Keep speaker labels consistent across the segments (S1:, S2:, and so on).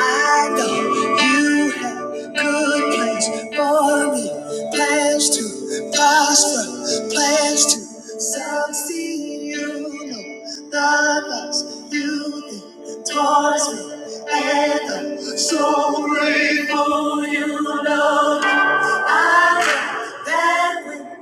S1: I know you have good plans for me, plans to prosper, plans to succeed. You know the thoughts you think towards me, and I'm so grateful. You know that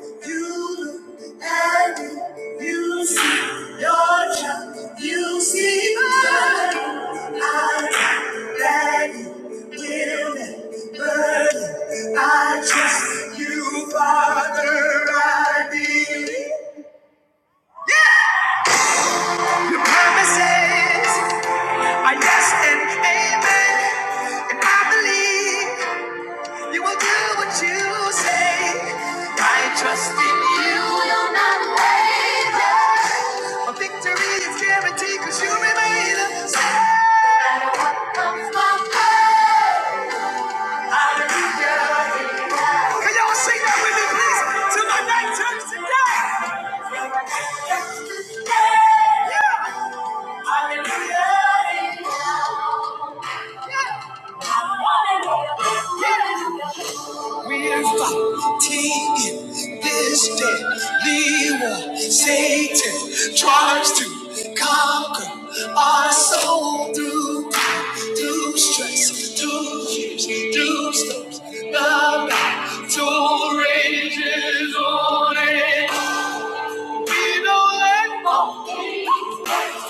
S1: you, Father, I believe. Amen. And I believe. You will do what you say. I trust you. You will not waver. A victory is guaranteed because you remain the same. Can y'all sing that with me, please? Till my night turns to day. Yeah. Hallelujah. Yeah. fighting this deadly war. Satan tries to conquer our soul through pain, through stress, through fears, through storms. The battle rages on and we don't let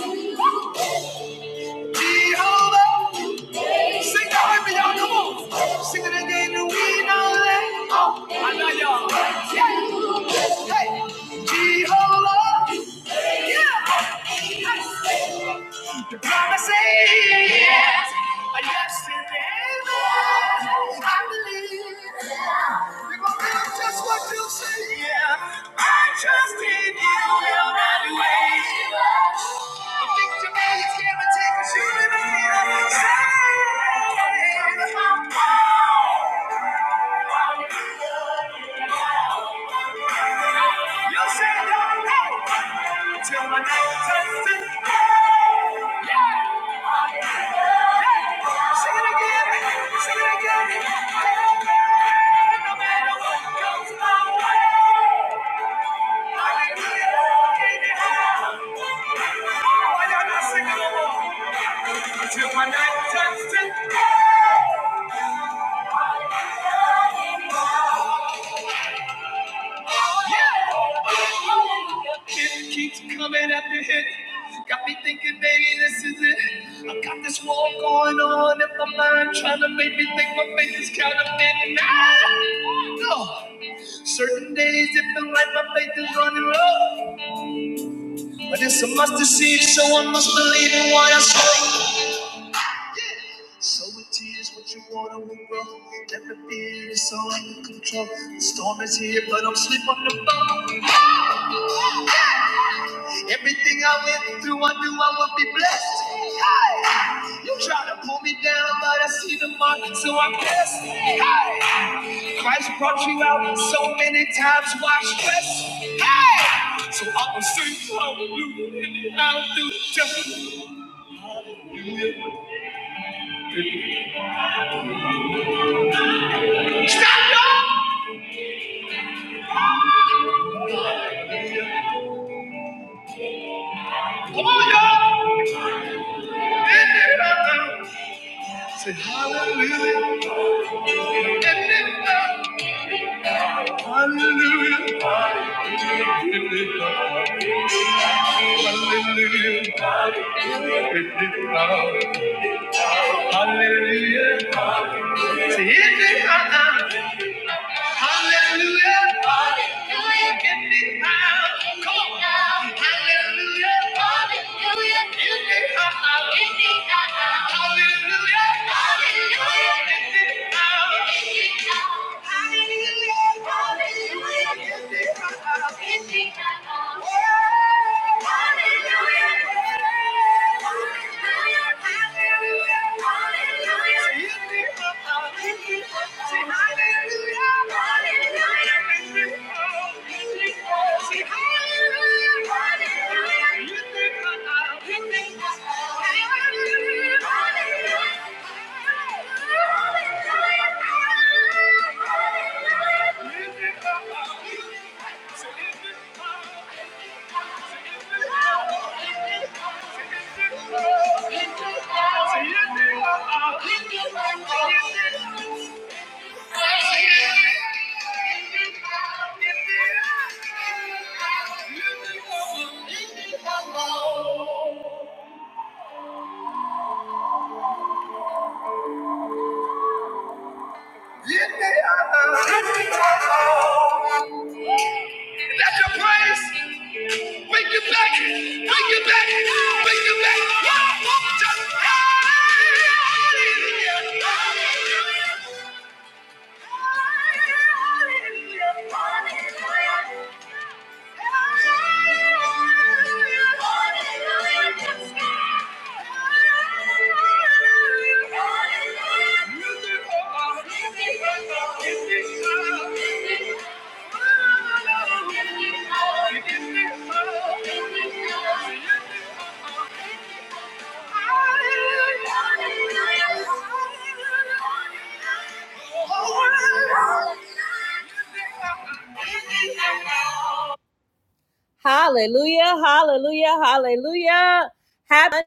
S1: go. Jehovah, Sing that with me, y'all. Come on. Sing it again. We don't let go. I know y'all. Yeah. Hey. Jehovah. The promise is yes. A yes and amen. I believe. we are gonna do just what you say. Yeah. I trust in you. You'll not wait. I I can do it. I Can't what my Hallelujah. Why no Until my night turns to day, It keeps coming after hit. Got me thinking, baby, this is it. I got this war going on in my mind, trying to make me think my faith is counterfeit. Nah, no. Certain days it feels like my faith is running low, but it's a must to see, so I must believe in what I say. So with tears, what you wanna grow. Never fear, it's all under control. The storm is here, but I'm asleep on the boat. Everything I went through, I knew I would be blessed. Hey! You try to pull me down, but I see the mark, so I'm blessed. Hey! Christ brought you out so many times, why stress? Hey! So I will sing hallelujah, and I'll do just stop, y'all! Come on, y'all! And then I'll do. Say hallelujah. And then, uh, hallelujah. Hallelujah. Hallelujah. Say it then, uh, uh, hallelujah. Hallelujah. get then, out, hallelujah. Hallelujah. And then, uh, Say it then, uh, hallelujah. And then, uh, Say hallelujah. Let your praise bring you back, bring you back, bring you back. Just- Hallelujah. Hallelujah, hallelujah, hallelujah. Happy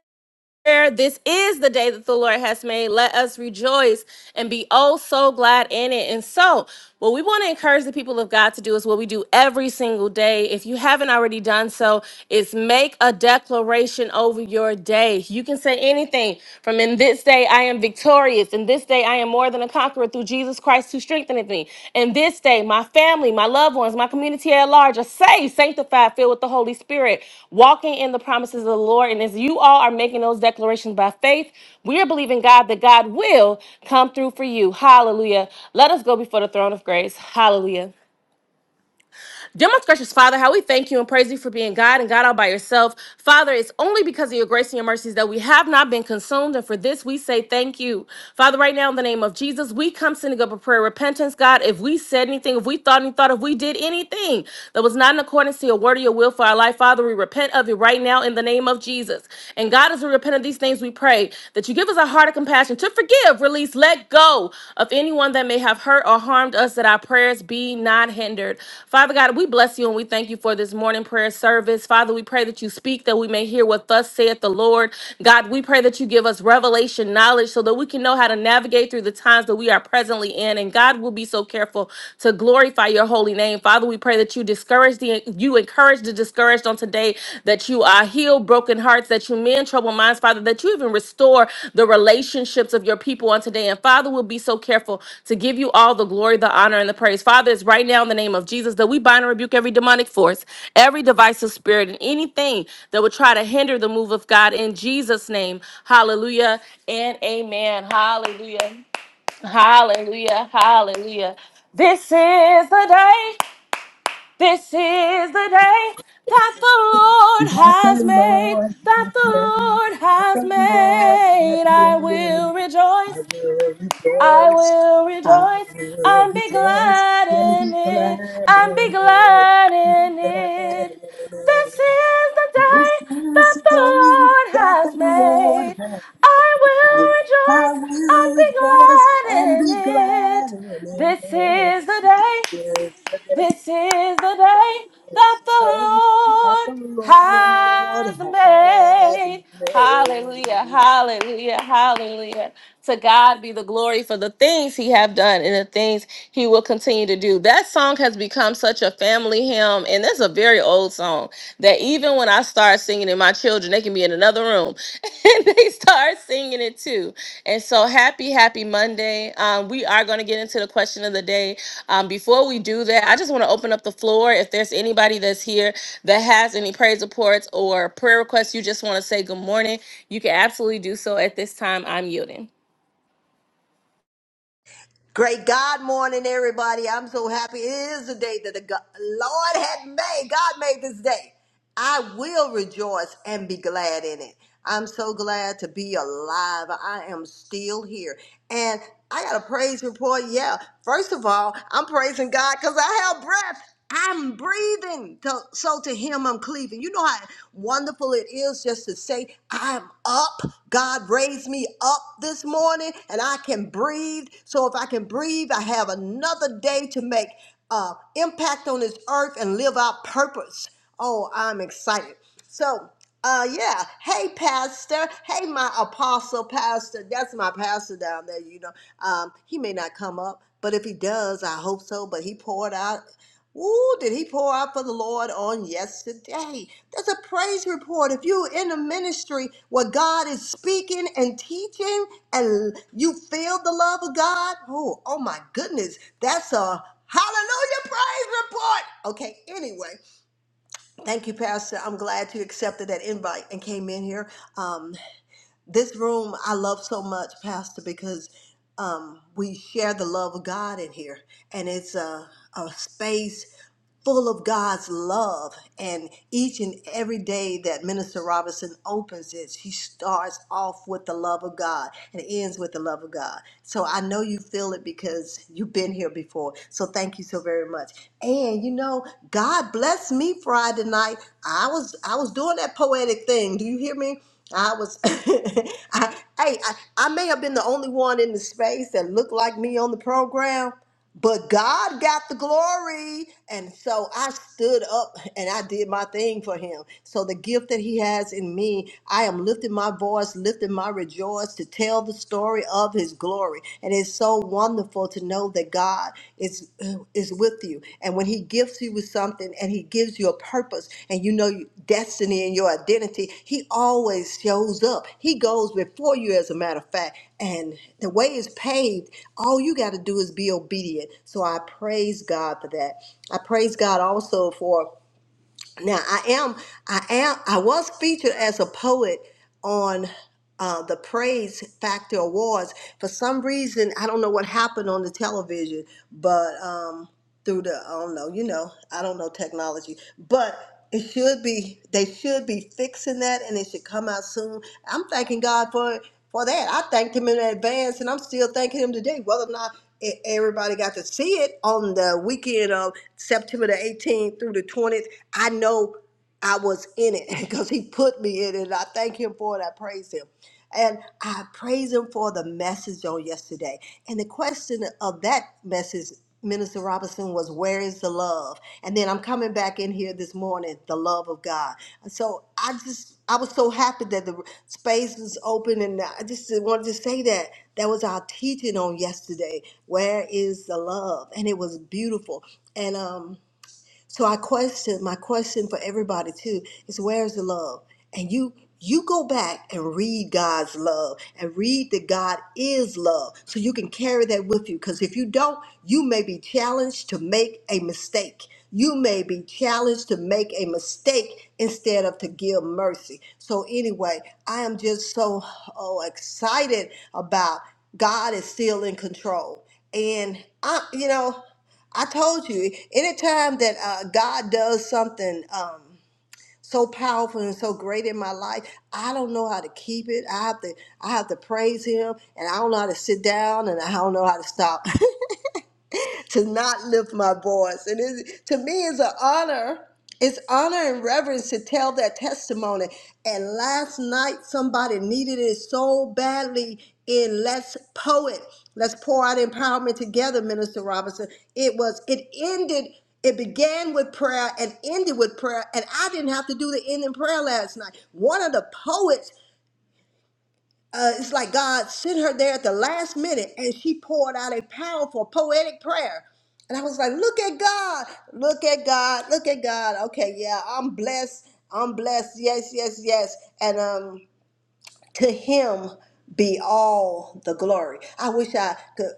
S1: this is the day that the Lord has made. Let us rejoice and be oh so glad in it. And so, what we want to encourage the people of God to do is what we do every single day. If you haven't already done so, is make a declaration over your day. You can say anything from in this day I am victorious, in this day I am am more than a conqueror through Jesus Christ who strengtheneth me. And this day, my family, my loved ones, my community at large are saved, sanctified, filled with the Holy Spirit, walking in the promises of the Lord. And as you all are making those declarations by faith, we are believing God that God will come through for you. Hallelujah. Let us go before the throne of grace. Hallelujah. Most gracious Father, how we thank you and praise you for being God and God all by yourself. Father, it's only because of your grace and your mercies that we have not been consumed. And for this, we say thank you. Father, right now, in the name of Jesus, we come sending up a prayer of repentance, God. If we said anything, if we thought any thought, if we did anything that was not in accordance to your word or your will for our life, Father, we repent of it right now in the name of Jesus. And God, as we repent of these things, we pray that you give us a heart of compassion compassion, to forgive, release, let go of anyone that may have hurt or harmed us, that our prayers be not hindered. Father God, we bless you and we thank you for this morning prayer service. Father, we pray that you speak that we may hear what thus saith the Lord. God, we pray that you give us revelation knowledge so that we can know how to navigate through the times that we are presently in. And God will be so careful to glorify your holy name. Father, we pray that you discourage the you encourage Encourage the discouraged on today that you uh, heal broken hearts, that you mend troubled minds, Father, that you even restore the relationships of your people on today. And Father, we'll be so careful to give you all the glory, the honor, and the praise. Father, it's right now in the name of Jesus that we bind and rebuke every demonic force, every divisive spirit, and anything that would try to hinder the move of God in Jesus' name. Hallelujah and amen. Hallelujah. Hallelujah. Hallelujah. This is the day. This is the day that the Lord
S2: That the
S1: has made,
S2: Lord
S1: that
S2: hath
S1: the
S2: made,
S1: Lord
S2: that
S1: has
S2: the Lord
S1: made.
S2: hath
S1: I
S2: made.
S1: will
S2: I
S1: rejoice,
S2: will
S1: I
S2: rejoice,
S1: will
S2: I
S1: rejoice,
S2: will
S1: and be
S2: rejoice,
S1: glad
S2: and be
S1: in it,
S2: glad
S1: and be
S2: in it,
S1: glad
S2: and be
S1: in
S2: glad
S1: it.
S2: in
S1: This
S2: it.
S1: is the
S2: This
S1: day
S2: is the
S1: that the
S2: day
S1: Lord
S2: that
S1: has
S2: the
S1: made.
S2: Lord hath
S1: I will
S2: made. I will rejoice and
S1: rejoice and be glad in it.
S2: be glad
S1: This
S2: in
S1: is the day
S2: it.
S1: this is the day
S2: This
S1: that
S2: is the
S1: the
S2: day that the
S1: Lord
S2: Lord
S1: has
S2: hath
S1: made. Hallelujah,
S2: made.
S1: hallelujah, hallelujah. To God be the glory for the things he have done and the things he will continue to do. That song has become such a family hymn and that's a very old song that even when I start singing singing it. My children, they can be in another room, and they start singing it too. And so happy, happy Monday. Um, we are going to get into the question of the day. Um, before we do that, I just want to open up the floor. If there's anybody that's here that has any praise reports or prayer requests, you just want to say good morning, you can absolutely do so at this time. I'm yielding.
S2: Great God morning, everybody. I'm so happy. It is the day that the God, Lord had made. God made this day. I will rejoice and be glad in it. I'm so glad to be alive. I am still here. And I got a praise report. Yeah. First of all, I'm praising God because I have breath. I'm breathing, to, so to him I'm cleaving. You know how wonderful it is just to say, I'm up. God raised me up this morning and I can breathe. So if I can breathe, I have another day to make uh, impact on this earth and live out purpose. Oh, I'm excited. So, uh, yeah. Hey, Pastor. Hey, my apostle pastor. That's my pastor down there, you know. Um, he may not come up, but if he does, I hope so. But he poured out. Ooh, did he pour out for the Lord on yesterday? That's a praise report. If you're in a ministry where God is speaking and teaching and you feel the love of God, oh, oh my goodness, that's a hallelujah praise report. Okay, anyway, thank you, Pastor. I'm glad you accepted that invite and came in here. Um, this room I love so much, Pastor, because um, we share the love of God in here, and it's a, a space full of God's love. And each and every day that Minister Robinson opens it, she starts off with the love of God and ends with the love of God. So I know you feel it because you've been here before. So thank you so very much. And you know, God bless me Friday night. I was I was doing that poetic thing. Do you hear me? I was, I, hey, I, I may have been the only one in the space that looked like me on the program, but God got the glory. And so I stood up and I did my thing for him. So the gift that he has in me, I am lifting my voice, lifting my rejoice to tell the story of his glory. And it's so wonderful to know that God is is with you. And when he gifts you with something and he gives you a purpose and you know your destiny and your identity, he always shows up. He goes before you, as a matter of fact. And the way is paved. All you got to do is be obedient. So I praise God for that. I praise God also for now I am, I am, I was featured as a poet on uh, the Praise Factor Awards. For some reason, I don't know what happened on the television, but. Um, through the I don't know, you know, I don't know technology, but it should be they should be fixing that, and it should come out soon. I'm thanking God for for that. I thanked Him in advance, and I'm still thanking Him today, whether or not e- everybody got to see it on the weekend of September the 18th through the 20th. I know. I was in it because he put me in it. And I thank him for it. I praise him. And I praise him for the message on yesterday. And the question of that message, Minister Robinson, was where is the love? And then I'm coming back in here this morning, the love of God. And So I just, I was so happy that the space was open. And I just wanted to say that. That was our teaching on yesterday. Where is the love? And it was beautiful. And, um, so I question my question for everybody too is where's the love? And you you go back and read God's love and read that God is love so you can carry that with you because if you don't, you may be challenged to make a mistake. You may be challenged to make a mistake instead of to give mercy. So anyway, I am just so oh excited about God is still in control. And I you know I told you, anytime that uh, God does something um, so powerful and so great in my life, I don't know how to keep it. I have to, I have to praise Him, and I don't know how to sit down, and I don't know how to stop. to not lift my voice. And it, to me, it's an honor. It's honor and reverence to tell that testimony. And last night, somebody needed it so badly in Let's Poet. Let's pour out empowerment together, Minister Robinson. It was, it ended, it began with prayer and ended with prayer. And I didn't have to do the ending prayer last night. One of the poets uh, it's like God sent her there at the last minute and she poured out a powerful poetic prayer. And I was like, look at God, look at God, look at God. Okay, yeah, I'm blessed. I'm blessed. Yes, yes, yes. And um, to him be all the glory. I wish I could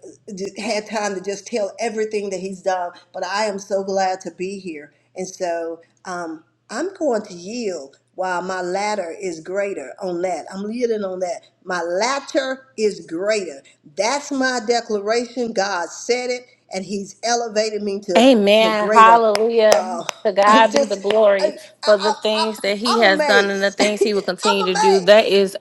S2: had time to just tell everything that he's done, but I am so glad to be here. And so um, I'm going to yield while my latter is greater on that. I'm yielding on that. My latter is greater. That's my declaration. God said it, and he's elevated me to, to
S1: Amen.
S2: greater.
S1: Hallelujah.
S2: Uh,
S1: To
S2: I
S1: God be the
S2: just, I,
S1: glory
S2: I,
S1: for the
S2: I,
S1: things
S2: I-
S1: that He
S2: I'm
S1: has done and the
S2: amazed.
S1: things He will continue
S2: I'm
S1: to do. That
S2: amazed.
S1: is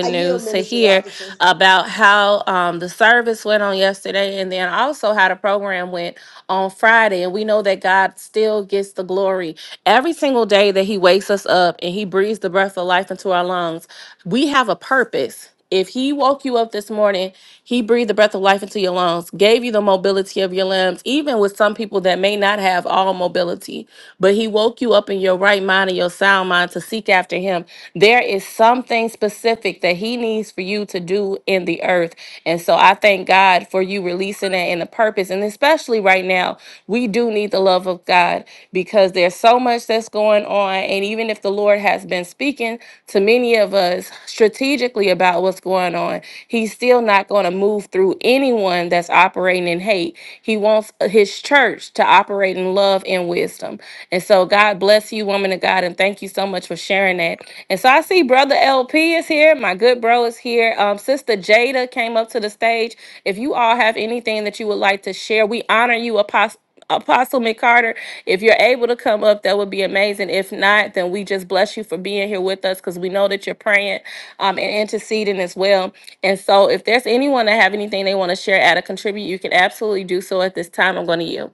S2: I yield,
S1: news to
S2: Minister
S1: hear
S2: Robinson.
S1: about how um, the service went on yesterday and then also how the program went on Friday. And we know that God still gets the glory every single day that He wakes us up and He breathes the breath of life into our lungs. We have a purpose. If he woke you up this morning, he breathed the breath of life into your lungs, gave you the mobility of your limbs, even with some people that may not have all mobility, but he woke you up in your right mind and your sound mind to seek after him. There is something specific that he needs for you to do in the earth. And so I thank God for you releasing that in the purpose. And especially right now, we do need the need the love of God because there's so much that's going on. And even if the Lord has been speaking to many of us strategically about what's going on, He's still not going to move through anyone that's operating in hate. He wants His church to operate in love and wisdom. And so, God bless you, woman of God, and thank you so much for sharing that. And so, I see Brother LP is here. My good bro is here. Um, Sister Jada came up to the stage. If you all have anything that you would like to share, we honor you, Apostle. Apostle McCarter, if you're able to come up, that would be amazing. If not, then we just bless you for being here with us because we know that you're praying um, and interceding as well. And so, if there's anyone that have anything they want to share, add, or contribute, you can absolutely do so at this time. I'm going to yield.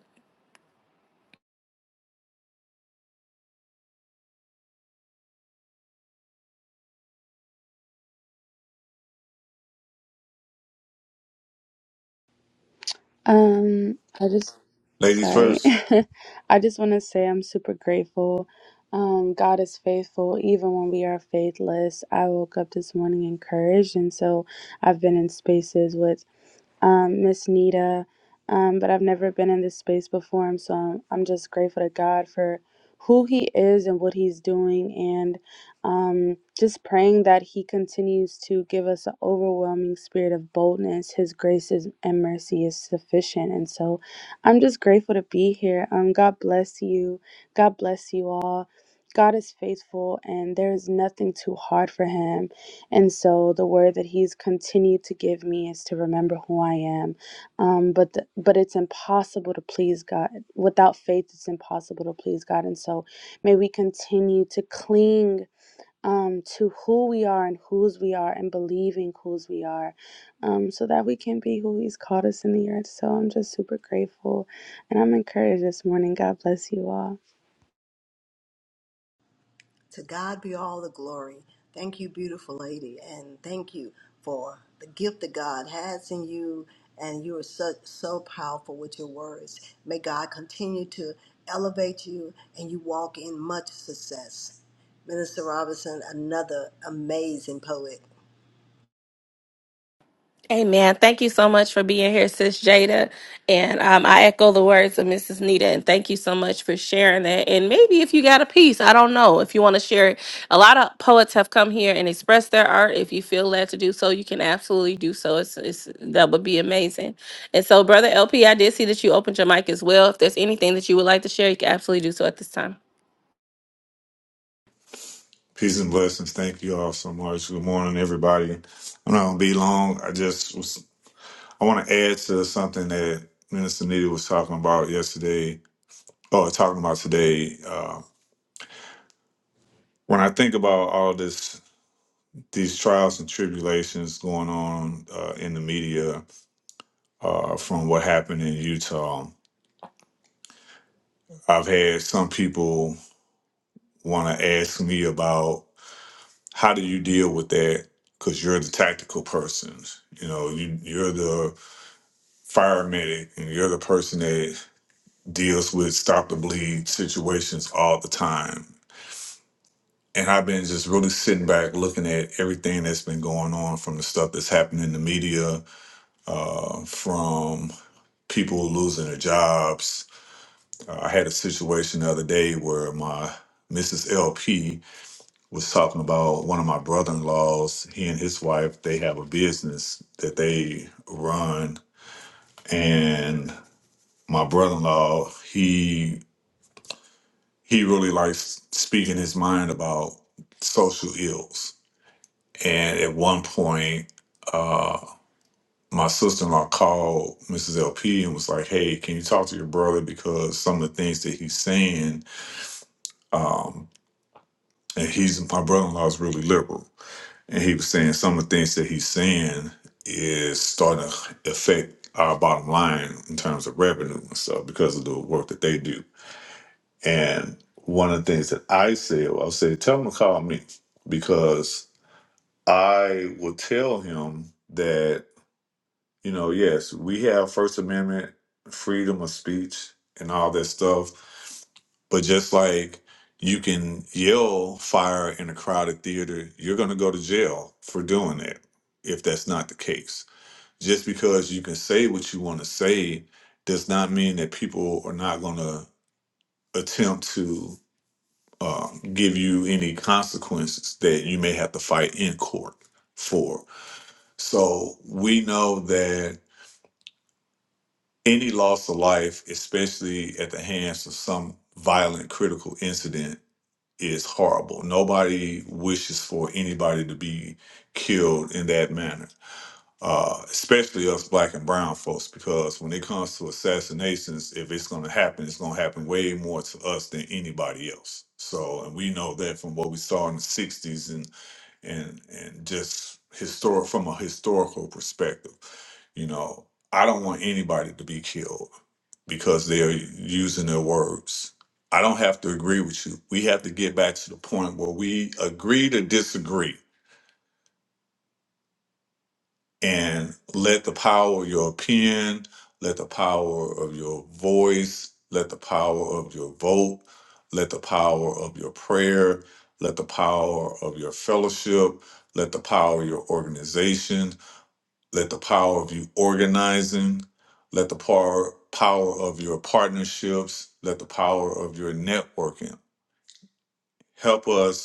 S3: Um, I just,
S4: Ladies
S3: sorry.
S4: first,
S3: I just want to say I'm super grateful. Um, God is faithful even when we are faithless. I woke up this morning encouraged, and so I've been in spaces with um, Miss Nita, um, but I've never been in this space before, and so I'm, I'm just grateful to God for who He is and what He's doing, and um, just praying that He continues to give us an overwhelming spirit of boldness. His grace is, and mercy is sufficient, and so I'm just grateful to be here. Um, God bless you. God bless you all. God is faithful, and there is nothing too hard for Him. And so the word that he's continued to give me is to remember who I am. Um, but the, but it's impossible to please God without faith. It's impossible to please God. And so may we continue to cling um, to who we are and whose we are and believing whose we are, um, so that we can be who He's called us in the earth. So I'm just super grateful, and I'm encouraged this morning. God bless you all.
S2: To God be all the glory. Thank you, beautiful lady, and thank you for the gift that God has in you. And you are so, so powerful with your words. May God continue to elevate you and you walk in much success. Minister Robinson, another amazing poet.
S1: Amen. Thank you so much for being here, Sis Jada. And um, I echo the words of Mrs. Nita. And thank you so much for sharing that. And maybe if you got a piece, I don't know, if you want to share it. A lot of poets have come here and expressed their art. If you feel led to do so, you can absolutely do so. It's, it's That would be amazing. And so, Brother LP, I did see that you opened your mic as well. If there's anything that you would like to share, you can absolutely do so at this time.
S4: peace and blessings. Thank you all so much. Good morning, everybody. I'm not gonna be long. I just was, I want to add to something that Minister Nita was talking about yesterday, or talking about today. Uh, when I think about all this, these trials and tribulations going on uh, in the media uh, from what happened in Utah, I've had some people want to ask me about how do you deal with that because you're the tactical person. You know, you, you're the fire medic and you're the person that deals with stop the bleed situations all the time. And I've been just really sitting back looking at everything that's been going on from the stuff that's happening in the media, uh, from people losing their jobs. Uh, I had a situation the other day where my Mrs. LP was talking about one of my brother in laws. He and his wife, they have a business that they run. And my brother in law, he he really likes speaking his mind about social ills. And at one point, uh, my sister-in-law called Mrs. LP and was like, "Hey, can you talk to your brother because some of the things that he's saying, um, and he's my brother-in-law is really liberal, and he was saying some of the things that he's saying is starting to affect our bottom line in terms of revenue and stuff because of the work that they do." And one of the things that I said, I'll say, tell him to call me because I will tell him that, you know, yes, we have First Amendment freedom of speech and all that stuff. But just like you can yell fire in a crowded theater, you're going to go to jail for doing that if that's not the case. Just because you can say what you want to say does not mean that people are not going to attempt to uh, give you any consequences that you may have to fight in court for. So we know that any loss of life, especially at the hands of some violent critical incident, is horrible. Nobody wishes for anybody to be killed in that manner uh, especially us black and brown folks, because when it comes to assassinations, if it's going to happen, it's going to happen way more to us than anybody else. So, and we know that from what we saw in the '60s and and and just historic from a historical perspective, you know, I don't want anybody to be killed because they're using their words. I don't have to agree with you. We have to get back to the point where we agree to disagree and let the power of your opinion, let the power of your voice, let the power of your vote, let the power of your prayer, let the power of your fellowship, let the power of your organization, let the power of you organizing, let the power power of your partnerships, let the power of your networking help us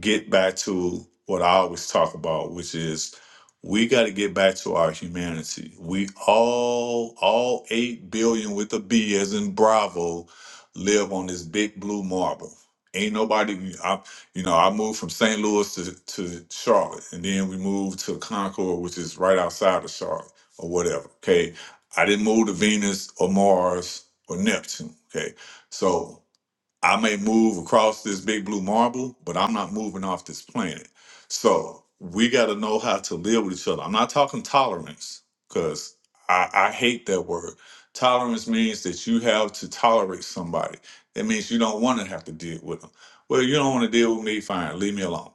S4: get back to what I always talk about, which is we got to get back to our humanity. We all, all 8 billion with a B as in Bravo, live on this big blue marble. Ain't nobody, I, you know, I moved from St. Louis to, to Charlotte, and then we moved to Concord, which is right outside of Charlotte or whatever. Okay. I didn't move to Venus or Mars or Neptune. Okay. So I may move across this big blue marble, but I'm not moving off this planet. So we got to know how to live with each other. I'm not talking tolerance because I, I hate that word. Tolerance means that you have to tolerate somebody. That means you don't want to have to deal with them. Well, you don't want to deal with me, fine. Leave me alone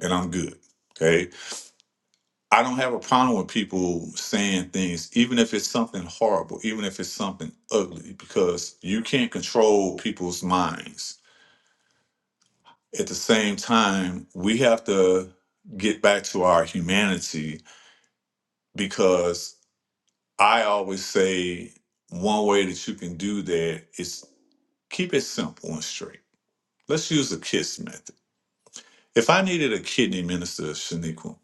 S4: and I'm good. Okay. I don't have a problem with people saying things, even if it's something horrible, even if it's something ugly, because you can't control people's minds at the same time, we have to get back to our humanity because I always say one way that you can do that is keep it simple and straight. Let's use the KISS method. If I needed a kidney minister, Shaniqua,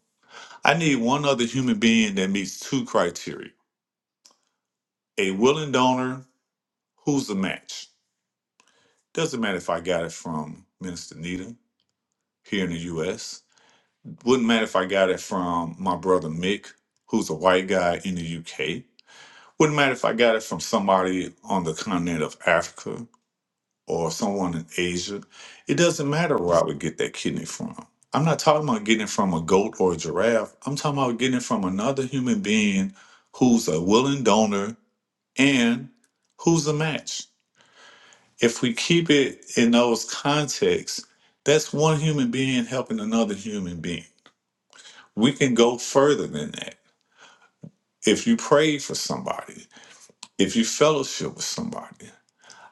S4: I need one other human being that meets two criteria a willing donor who's a match. Doesn't matter if I got it from Minister Nita here in the US Wouldn't matter if I got it from my brother Mick, who's a white guy in the UK. Wouldn't matter if I got it from somebody on the continent of Africa or someone in Asia. It doesn't matter where I would get that kidney from. I'm not talking about getting it from a goat or a giraffe. I'm talking about getting it from another human being who's a willing donor and who's a match. If we keep it in those contexts, that's one human being helping another human being. We can go further than that if you pray for somebody, if you fellowship with somebody.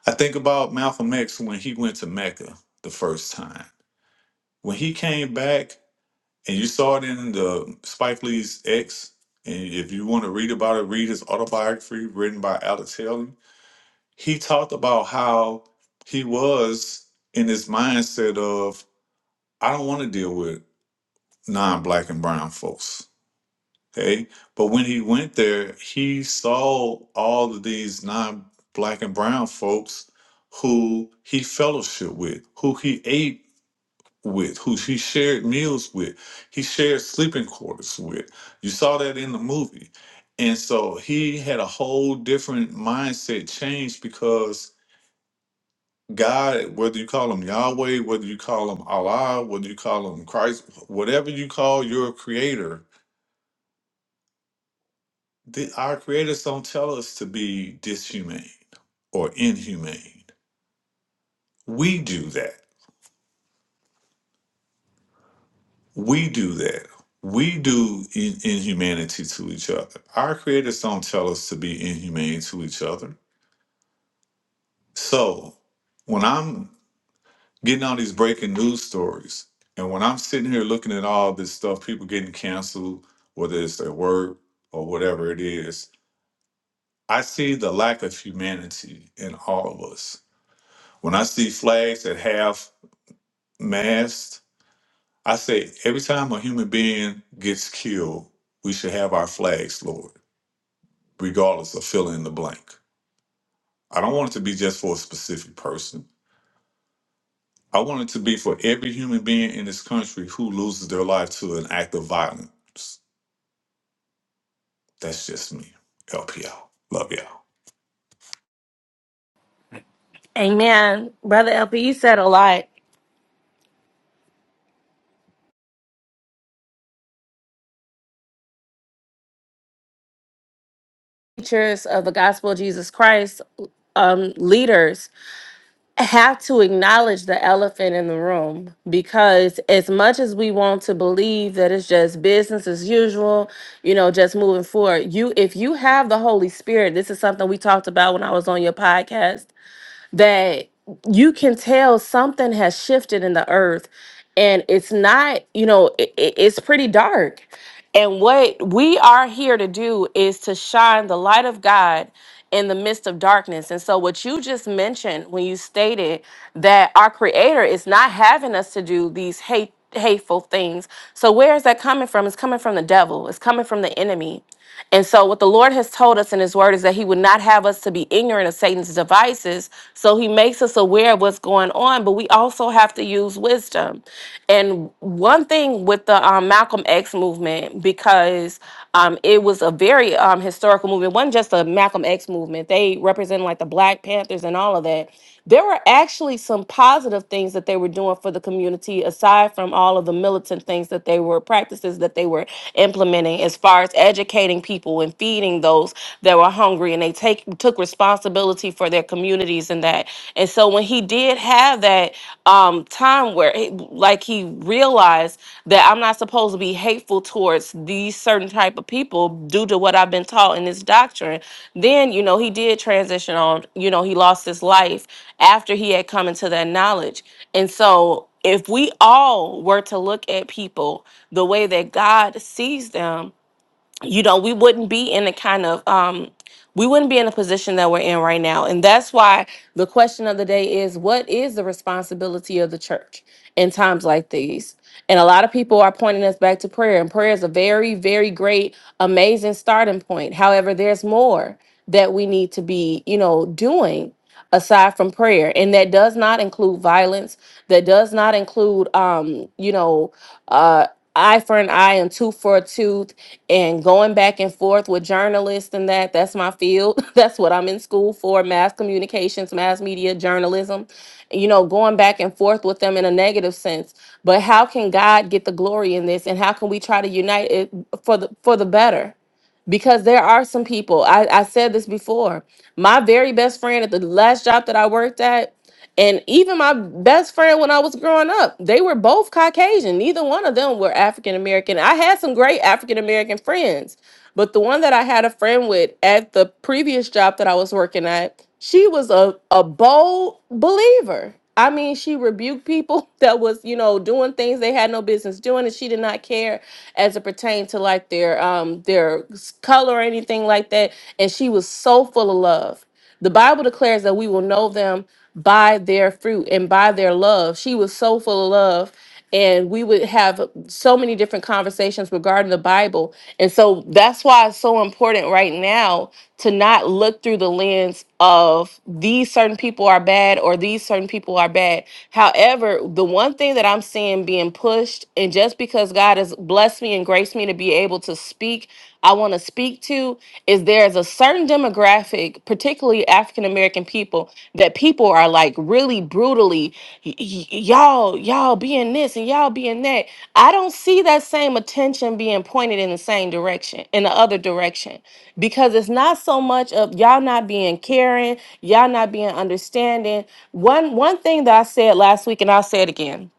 S4: I think about Malcolm X when he went to Mecca the first time. When he came back, and you saw it in the Spike Lee's X, and if you want to read about it, read his autobiography written by Alex Haley. He talked about how he was in his mindset of, I don't want to deal with non black and brown folks. Okay. But when he went there, he saw all of these non black and brown folks who he fellowship with, who he ate with, who he shared meals with, he shared sleeping quarters with. You saw that in the movie. And so he had a whole different mindset change because God, whether you call him Yahweh, whether you call him Allah, whether you call him Christ, whatever you call your creator, The, our creators don't tell us to be dishumane or inhumane. We do that. We do that. We do in, inhumanity to each other. Our creators don't tell us to be inhumane to each other. So when I'm getting all these breaking news stories, and when I'm sitting here looking at all this stuff, people getting canceled, whether it's their work or whatever it is, I see the lack of humanity in all of us. When I see flags that have masked. I say every time a human being gets killed, we should have our flags, lowered, regardless of fill in the blank. I don't want it to be just for a specific person. I want it to be for every human being in this country who loses their life to an act of violence. That's just me. LPL. Love y'all.
S1: Amen. Brother LP, you said a lot. Teachers of the gospel of Jesus Christ, um, leaders. have to acknowledge the elephant in the room because as much as we want to believe that it's just business as usual, you know, just moving forward, you if you have the Holy Spirit, this is something we talked about when I was on your podcast that you can tell something has shifted in the earth and it's not you know it, it- it's pretty dark and what we are here to do is to shine the light of god in the midst of darkness and so what you just mentioned when you stated that our creator is not having us to do these hate hateful things so where is that coming from it's coming from the devil it's coming from the enemy and so, what the Lord has told us in His Word is that He would not have us to be ignorant of Satan's devices. So, He makes us aware of what's going on, but we also have to use wisdom. And one thing with the um, Malcolm X movement, because um, it was a very um, historical movement, it wasn't just a Malcolm X movement, they represented like the Black Panthers and all of that. There were actually some positive things that they were doing for the community, aside from all of the militant things that they were practices that they were implementing, as far as educating people and feeding those that were hungry, and they take took responsibility for their communities and that. And so when he did have that um, time where, he, like he he realized that I'm not supposed to be hateful towards these certain type of people due to what I've been taught in this doctrine. Then, you know, he did transition on, you know, he lost his life after he had come into that knowledge. And so if we all were to look at people the way that God sees them, you know, we wouldn't be in the kind of um we wouldn't be in the position that we're in right now. And that's why the question of the day is what is the responsibility of the church in times like these? And a lot of people are pointing us back to prayer, and prayer is a very, very great, amazing starting point. However, there's more that we need to be, you know, doing aside from prayer and that does not include violence that does not include um you know uh eye for an eye and tooth for a tooth and going back and forth with journalists and that that's my field that's what i'm in school for mass communications mass media journalism you know going back and forth with them in a negative sense but how can god get the glory in this and how can we try to unite it for the for the better because there are some people I, I said this before my very best friend at the last job that i worked at and even my best friend when I was growing up, they were both Caucasian. Neither one of them were African American. I had some great African American friends, but the one that I had a friend with at the previous job that I was working at, she was a, a bold believer. I mean, she rebuked people that was, you know, doing things they had no business doing, and she did not care as it pertained to like their um their s- color or anything like that. And she was so full of love. The Bible declares that we will know them by their fruit and by their love. She was so full of love. And we would have so many different conversations regarding the Bible. And so that's why it's so important right now to not look through the lens of these certain people are bad or these certain people are bad. However, the one thing that I'm seeing being pushed, and just because God has blessed me and graced me to be able to speak, I want to speak to is there's a certain demographic, particularly African American people, that people are like really brutally, y- y- y'all, y'all being this and y'all being that. I don't see that same attention being pointed in the same direction, in the other direction, because it's not so much of y'all not being caring, y'all not being understanding. One one thing that I said last week, and I'll say it again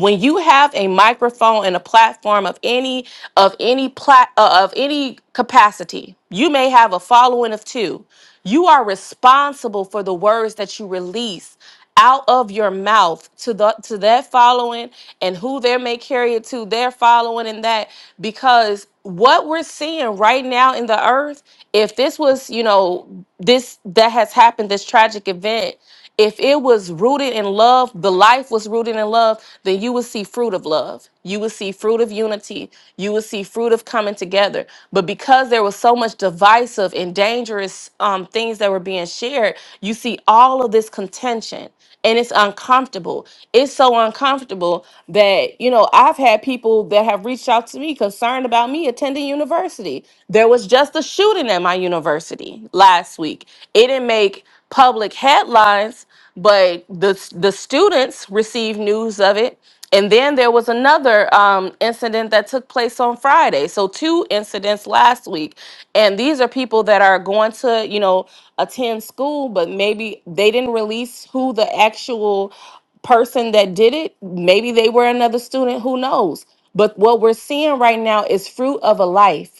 S1: when you have a microphone and a platform of any of any plat uh, of any capacity, you may have a following of two. You are responsible for the words that you release out of your mouth to the to that following and who they may carry it to their following and that because what we're seeing right now in the earth if this was you know this that has happened this tragic event if it was rooted in love, the life was rooted in love, then you would see fruit of love. You would see fruit of unity. You would see fruit of coming together. But because there was so much divisive and dangerous um, things that were being shared, you see all of this contention and it's uncomfortable. It's so uncomfortable that, you know, I've had people that have reached out to me concerned about me attending university. There was just a shooting at my university last week. It didn't make public headlines, but the the students received news of it and then there was another um, incident that took place on Friday. So two incidents last week, and these are people that are going to, you know, attend school, but maybe they didn't release who the actual person that did it. Maybe they were another student. Who knows? But what we're seeing right now is fruit of a life.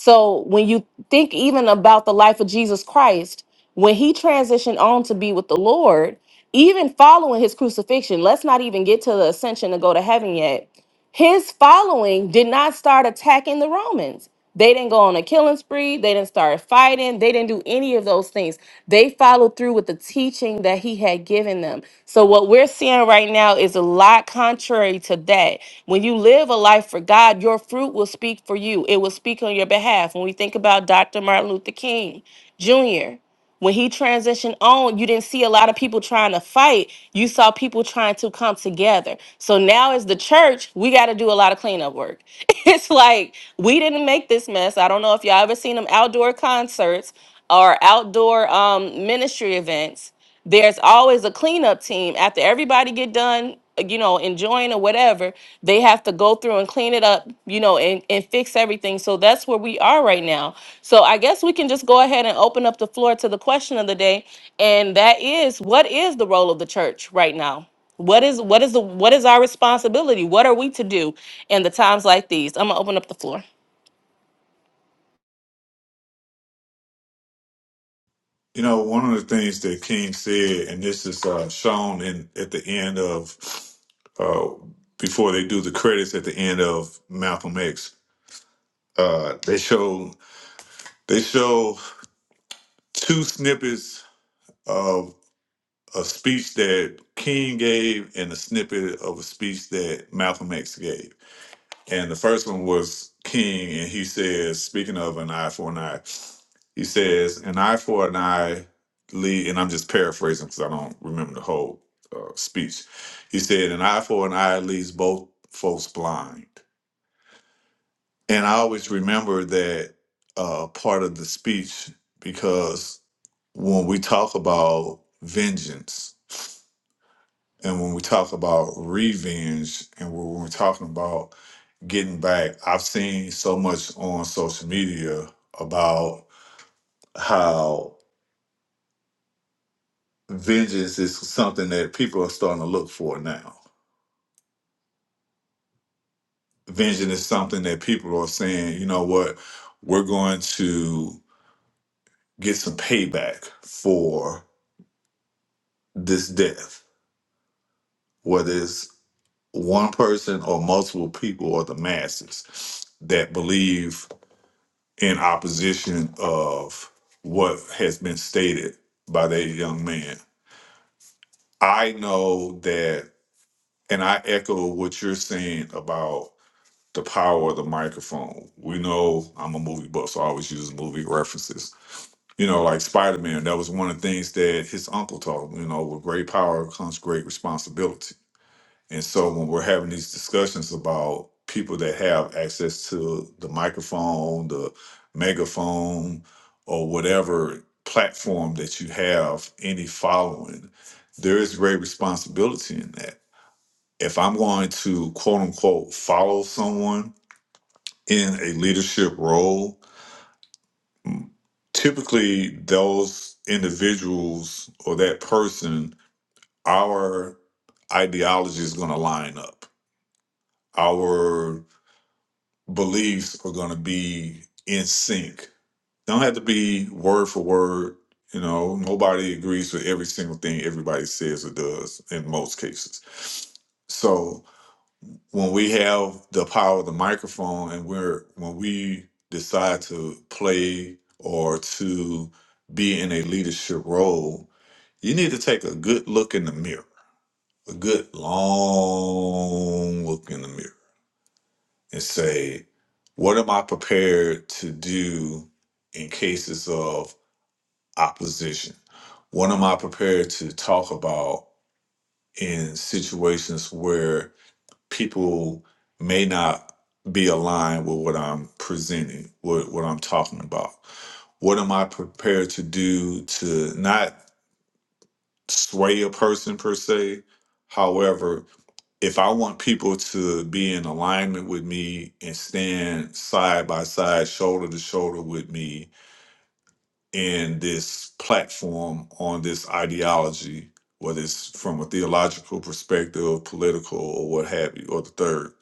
S1: So when you think even about the life of Jesus Christ, when he transitioned on to be with the Lord, even following his crucifixion, let's not even get to the ascension to go to heaven yet his following did not start attacking the Romans. They didn't go on a killing spree. They didn't start fighting. They didn't do any of those things. They followed through with the teaching that he had given them. So, what we're seeing right now is a lot contrary to that. When you live a life for God, your fruit will speak for you, it will speak on your behalf. When we think about Dr. Martin Luther King Jr., when he transitioned on, you didn't see a lot of people trying to fight. You saw people trying to come together. So now, as the church, we got to do a lot of cleanup work. it's like we didn't make this mess. I don't know if y'all ever seen them outdoor concerts or outdoor um, ministry events there's always a cleanup team after everybody get done you know enjoying or whatever they have to go through and clean it up you know and, and fix everything so that's where we are right now so i guess we can just go ahead and open up the floor to the question of the day and that is what is the role of the church right now what is what is the what is our responsibility what are we to do in the times like these i'm gonna open up the floor
S4: You know, one of the things that King said, and this is uh, shown in at the end of uh, before they do the credits at the end of Malcolm X, uh, they show They show two snippets of a speech that King gave and a snippet of a speech that Malcolm X gave. And the first one was King, and he says, speaking of an eye for an eye, he says, an eye for an eye, lead, and I'm just paraphrasing because I don't remember the whole uh, speech. He said, an eye for an eye leaves both folks blind. And I always remember that uh, part of the speech because when we talk about vengeance and when we talk about revenge and when we're talking about getting back, I've seen so much on social media about how vengeance is something that people are starting to look for now. Vengeance is something that people are saying, you know what, we're going to get some payback for this death, whether it's one person or multiple people or the masses that believe in opposition of what has been stated by that young man. I know that, and I echo what you're saying about the power of the microphone. We know I'm a movie buff, so I always use movie references. You know, like Spider Man, that was one of the things that his uncle taught him, you know, with great power comes great responsibility And so when we're having these discussions about people that have access to the microphone, the megaphone, or whatever platform that you have any following, there is great responsibility in that. If I'm going to quote unquote follow someone in a leadership role, typically those individuals or that person, our ideology is going to line up. Our beliefs are going to be in sync. Don't have to be word for word. You know, nobody agrees with every single thing everybody says or does in most cases. So when we have the power of the microphone and we're when we decide to play or to be in a leadership role, you need to take a good look in the mirror, a good long look in the mirror and say, what am I prepared to do in cases of opposition? What am I prepared to talk about in situations where people may not be aligned with what I'm presenting, what, what I'm talking about? What am I prepared to do to not sway a person per se. However, if I want people to be in alignment with me and stand side by side, shoulder to shoulder with me in this platform on this ideology, whether it's from a theological perspective, political, or what have you, or the third,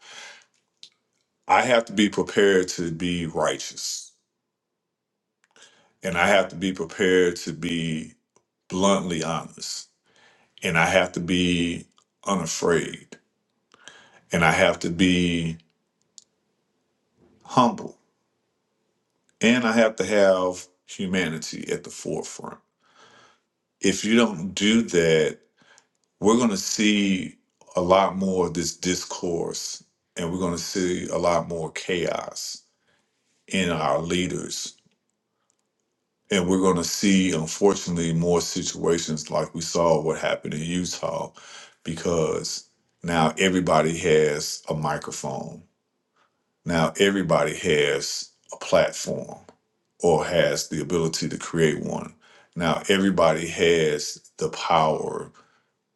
S4: I have to be prepared to be righteous. And I have to be prepared to be bluntly honest. And I have to be unafraid and I have to be humble and I have to have humanity at the forefront. If you don't do that, we're going to see a lot more of this discourse and we're going to see a lot more chaos in our leaders. And we're going to see, unfortunately, more situations like we saw what happened in Utah because now everybody has a microphone Now everybody has a platform or has the ability to create one. Now everybody has the power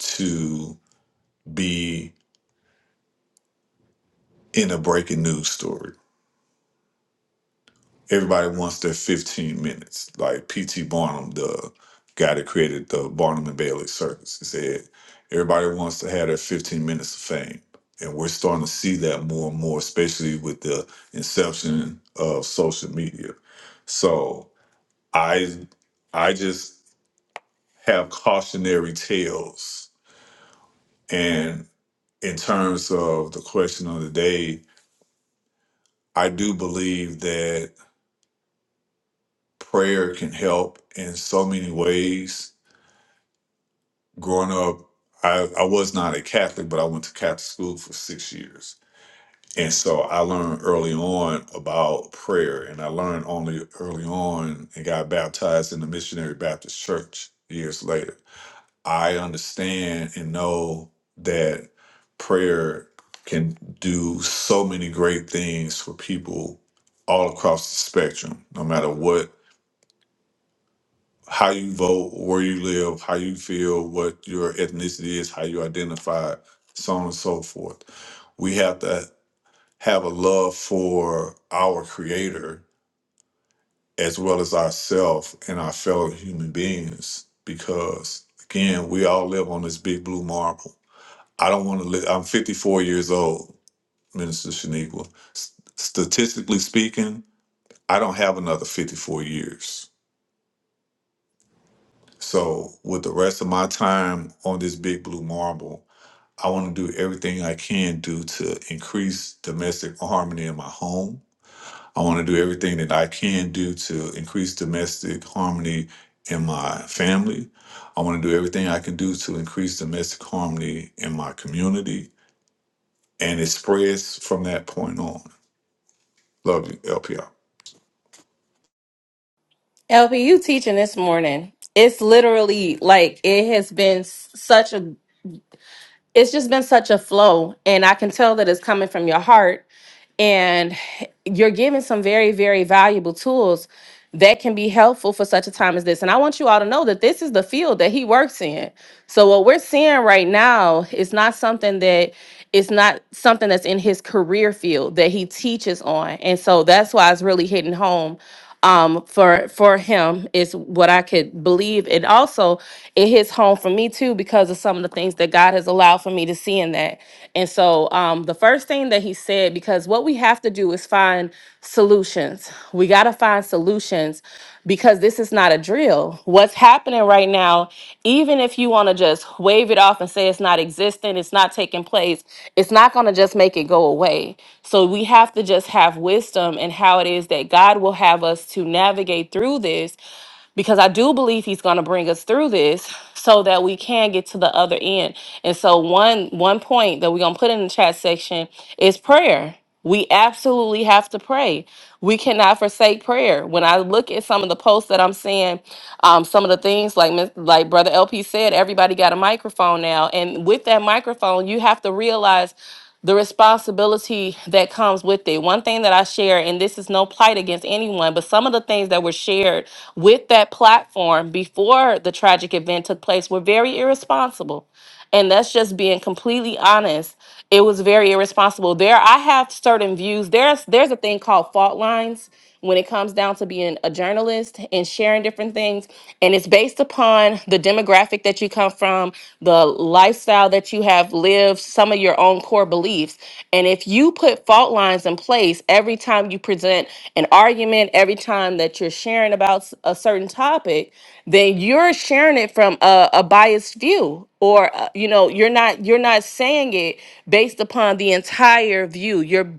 S4: to be in a breaking news story. Everybody wants their 15 minutes. Like P.T. Barnum, the guy that created the Barnum and Bailey Circus, he said, everybody wants to have their 15 minutes of fame. And we're starting to see that more and more, especially with the inception of social media. So I I just have cautionary tales. And in terms of the question of the day, I do believe that prayer can help in so many ways. Growing up, I, I was not a Catholic, but I went to Catholic school for six years. And so I learned early on about prayer, and I learned only early on and got baptized in the Missionary Baptist Church years later I understand and know that prayer can do so many great things for people all across the spectrum, no matter what, how you vote, where you live, how you feel, what your ethnicity is, how you identify, so on and so forth. We have to have a love for our Creator as well as ourselves and our fellow human beings because, again, we all live on this big blue marble I don't want to live. I'm 54 years old, Minister Shaniqua. S- statistically speaking, I don't have another 54 years. So, with the rest of my time on this big blue marble, I want to do everything I can do to increase domestic harmony in my home. I want to do everything that I can do to increase domestic harmony in my family. I want to do everything I can do to increase domestic harmony in my community. And it spreads from that point on. Love you, LPR.
S1: lp you teaching this morning it's literally like it has been s- such a it's just been such a flow and i can tell that it's coming from your heart and you're giving some very very valuable tools that can be helpful for such a time as this and i want you all to know that this is the field that he works in so what we're seeing right now is not something that it's not something that's in his career field that he teaches on and so that's why it's really hitting home um for for him is what I could believe. And also it hits home for me too because of some of the things that God has allowed for me to see in that. And so um the first thing that he said, because what we have to do is find solutions. We gotta find solutions because this is not a drill. What's happening right now, even if you want to just wave it off and say it's not existent, it's not taking place, it's not going to just make it go away. So we have to just have wisdom in how it is that God will have us to navigate through this because I do believe he's going to bring us through this so that we can get to the other end. And so one one point that we're going to put in the chat section is prayer. We absolutely have to pray. We cannot forsake prayer. When I look at some of the posts that I'm seeing, um, some of the things like Ms- like Brother LP said, everybody got a microphone now, and with that microphone, you have to realize the responsibility that comes with it. One thing that I share, and this is no plight against anyone, but some of the things that were shared with that platform before the tragic event took place were very irresponsible. And that's just being completely honest. It was very irresponsible. There, I have certain views. There's there's a thing called fault lines when it comes down to being a journalist and sharing different things. And it's based upon the demographic that you come from, the lifestyle that you have lived, some of your own core beliefs. And if you put fault lines in place every time you present an argument, every time that you're sharing about s- a certain topic, then you're sharing it from a, a biased view or uh, you know you're not you're not saying it based upon the entire view you're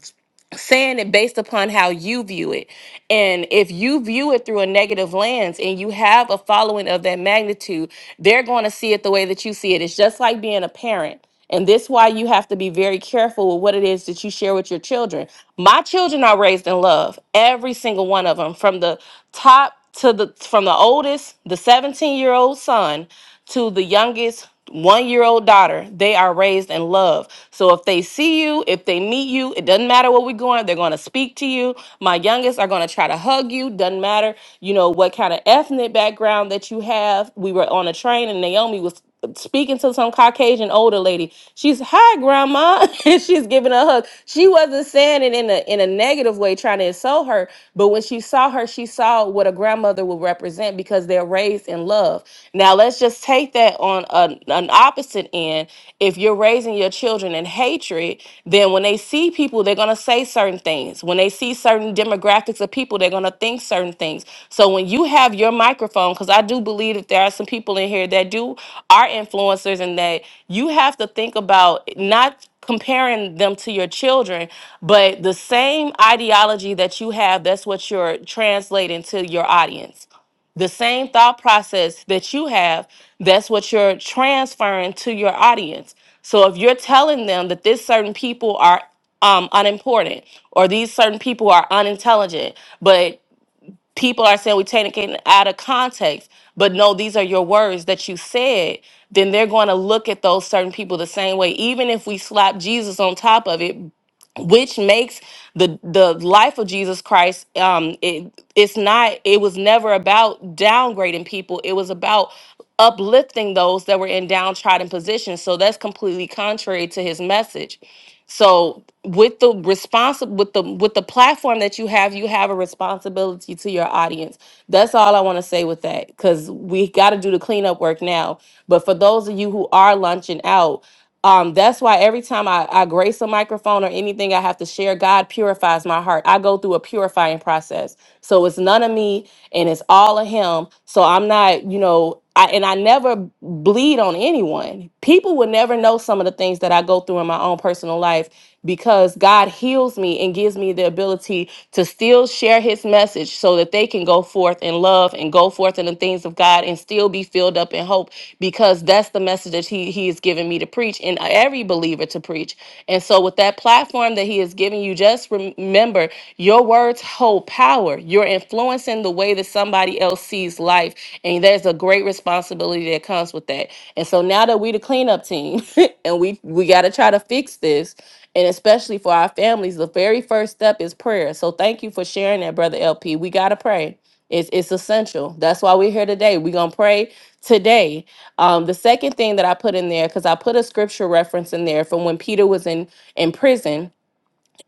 S1: saying it based upon how you view it. And if you view it through a negative lens and you have a following of that magnitude, they're going to see it the way that you see it. It's just like being a parent. And this why you have to be very careful with what it is that you share with your children. My children are raised in love, every single one of them, from the top to the from the oldest, the 17 year old son to the youngest one year old daughter, they are raised in love. So if they see you, if they meet you, it doesn't matter what we're going, they're going to speak to you. My youngest are going to try to hug you. Doesn't matter, you know, what kind of ethnic background that you have. We were on a train and Naomi was speaking to some Caucasian older lady. She's hi grandma, and she's giving her a hug. She wasn't saying it in a in a negative way, trying to insult her. But when she saw her, she saw what a grandmother would represent because they're raised in love. Now let's just take that on an, an opposite end. If you're raising your children in hatred, then when they see people people, they're going to say certain things. When they see certain demographics of people, they're going to think certain things. So when you have your microphone, because I do believe that there are some people in here that do are influencers and that you have to think about not comparing them to your children, but the same ideology that you have, that's what you're translating to your audience the same thought process that you have, that's what you're transferring to your audience. So if you're telling them that this certain people are um, unimportant or these certain people are unintelligent, but people are saying we taking it out of context, but no, these are your words that you said, then they're going to look at those certain people the same way. Even if we slap Jesus on top of it which makes the the life of Jesus Christ um it it's not it was never about downgrading people it was about uplifting those that were in downtrodden positions so that's completely contrary to his message so with the response with the with the platform that you have you have a responsibility to your audience that's all I want to say with that cuz we got to do the cleanup work now but for those of you who are lunching out um, that's why every time I, I grace a microphone or anything I have to share, God purifies my heart. I go through a purifying process. So it's none of me and it's all of Him. So I'm not, you know, I, and I never bleed on anyone. People would never know some of the things that I go through in my own personal life because God heals me and gives me the ability to still share his message so that they can go forth in love and go forth in the things of God and still be filled up in hope because that's the message that he, he has given me to preach and every believer to preach. And so with that platform that he has given you, just rem- remember your words hold power. You're influencing the way that somebody else sees life. And there's a great responsibility that comes with that. And so now that we the cleanup team and we we gotta try to fix this and especially for our families, the very first step is prayer. So thank you for sharing that, brother LP. We gotta pray. It's it's essential. That's why we're here today. We're gonna pray today. Um, the second thing that I put in there, because I put a scripture reference in there from when Peter was in in prison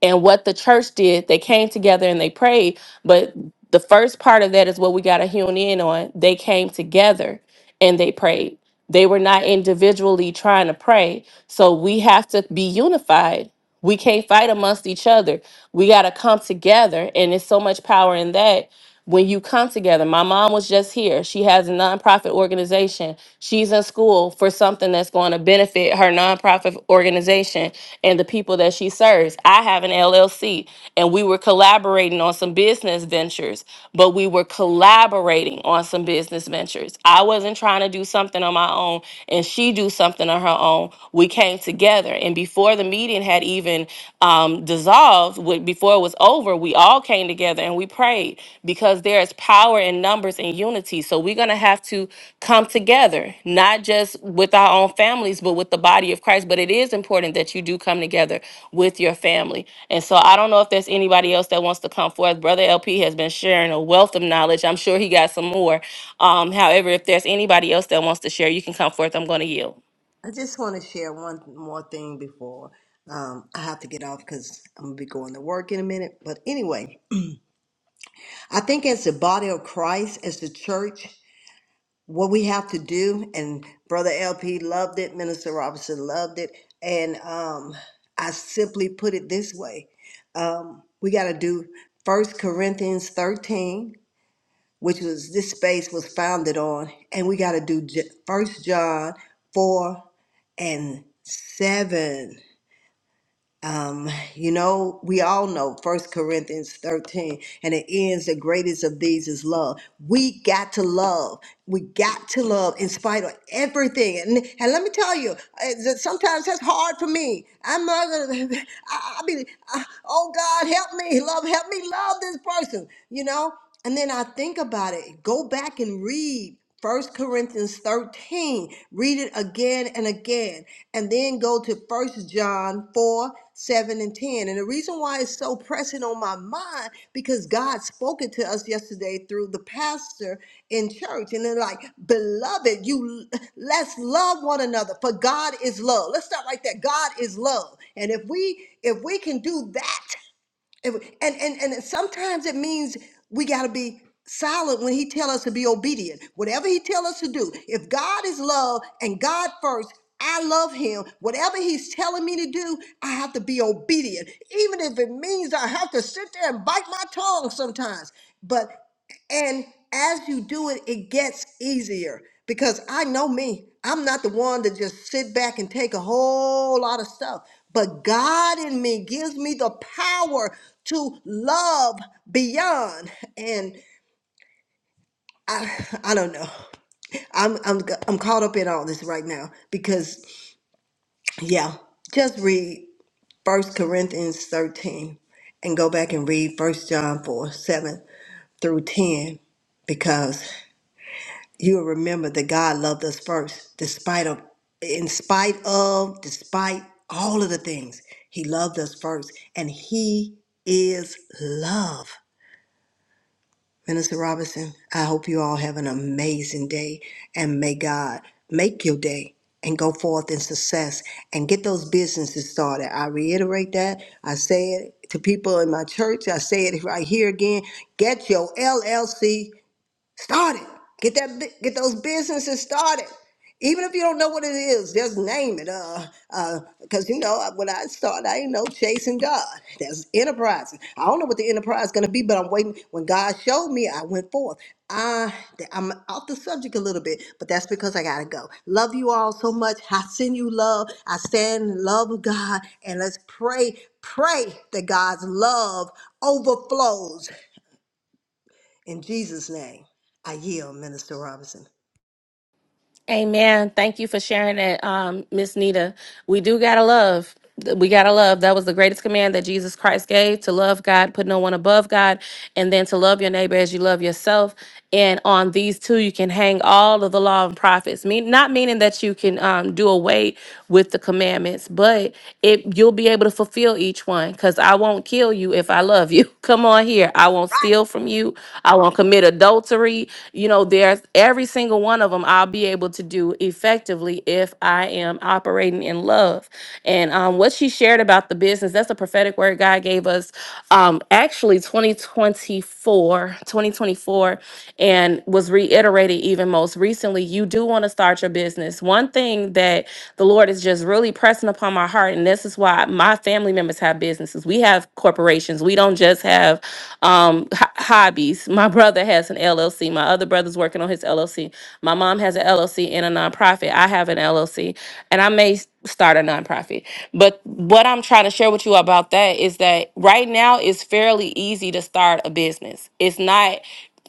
S1: and what the church did. They came together and they prayed. But the first part of that is what we gotta hone in on. They came together and they prayed. They were not individually trying to pray. So we have to be unified we can't fight amongst each other. We got to come together. And there's so much power in that when you come together. My mom was just here. She has a nonprofit organization. She's in school for something that's going to benefit her nonprofit organization and the people that she serves. I have an LLC and we were collaborating on some business ventures, but we were collaborating on some business ventures. I wasn't trying to do something on my own and she do something on her own. We came together together. And before the meeting had even um, dissolved, wi- before it was over, we all came together and we prayed because there is power in numbers and unity. So we're going to have to come together, not just with our own families, but with the body of Christ. But it is important that you do come together with your family. And so I don't know if there's anybody else that wants to come forth. Brother LP has been sharing a wealth of knowledge. I'm sure he got some more. Um, however, if there's anybody else that wants to share, you can come forth. I'm going to yield.
S2: I just want to share one more thing before um, I have to get off because I'm going to be going to work in a minute. But anyway, I think as the body of Christ, as the church, what we have to do and brother lp loved it minister robinson loved it and um, i simply put it this way um, we got to do first corinthians 13 which was this space was founded on and we got to do J- first john 4 and 7 um, you know, we all know First Corinthians 13, and it ends the greatest of these is love. We got to love. We got to love in spite of everything. And, and let me tell you, it's- it's- sometimes that's hard for me. I'm not gonna, I, I be, I- oh God, help me, love, help me love this person, you know? And then I think about it, go back and read First Corinthians 13, read it again and again, and then go to First John 4. 7 and 10. And the reason why it's so pressing on my mind because God spoke it to us yesterday through the pastor in church. And they're like, beloved, you let's love one another. For God is love. Let's start right there. God is love. And if we if we can do that, and and and, and sometimes it means we got to be silent when he tell us to be obedient. Whatever he tell us to do. If God is love and God first, I love him. Whatever he's telling me to do, I have to be obedient. Even if it means I have to sit there and bite my tongue sometimes. But and as you do it, it gets easier because I know me. I'm not the one to just sit back and take a whole lot of stuff. But God in me gives me the power to love beyond. And I, I don't know. I'm, I'm, I'm caught up in all this right now because, yeah, just read First Corinthians 13 and go back and read First John 4 7 through 10 because you'll remember that God loved us first, despite of, in spite of, despite all of the things. He loved us first, and He is love. Minister Robinson, I hope you all have an amazing day, and may God make your day and go forth in success and get those businesses started. I reiterate that. I say it to people in my church. I say it right here again. Get your LLC Start it. Get that bu- get those businesses started. Even if you don't know what it is, just name it. Uh, uh, because you know when I started, I ain't not know chasing God. That's enterprise. I don't know what the enterprise is gonna be, but I'm waiting. When God showed me, I went forth. I I'm off the subject a little bit, but that's because I gotta go. Love you all so much. I send you love. I stand in love of God, and let's pray, pray that God's love overflows in Jesus' name, I yield, Minister Robinson.
S1: Amen. Thank you for sharing that, um, Miss Nita. We do gotta love. We gotta love. That was the greatest command that Jesus Christ gave to love God, put no one above God, and then to love your neighbor as you love yourself. And on these two, you can hang all of the law and prophets. Mean not meaning that you can um, do away with the commandments, but it you'll be able to fulfill each one. Cause I won't kill you if I love you. Come on here. I won't
S2: Right.
S1: steal from you. I won't commit adultery. You know, there's every single one of one of them I'll be able to do effectively if I am operating in love. And um, what she shared about the business, that's a prophetic word God gave us um, actually 2024, 2024, and was reiterated even most recently. You do want to start your business. One thing that the Lord is just really pressing upon my heart, and this is why my family members have businesses. We have corporations. We don't just have um, h- hobbies. My brother has an LLC. My other brother's working on his LLC. My mom has an LLC and a nonprofit. I have an LLC and I may s- start a nonprofit. But what I'm trying to share with you about that is that right now it's fairly easy to start a business. It's not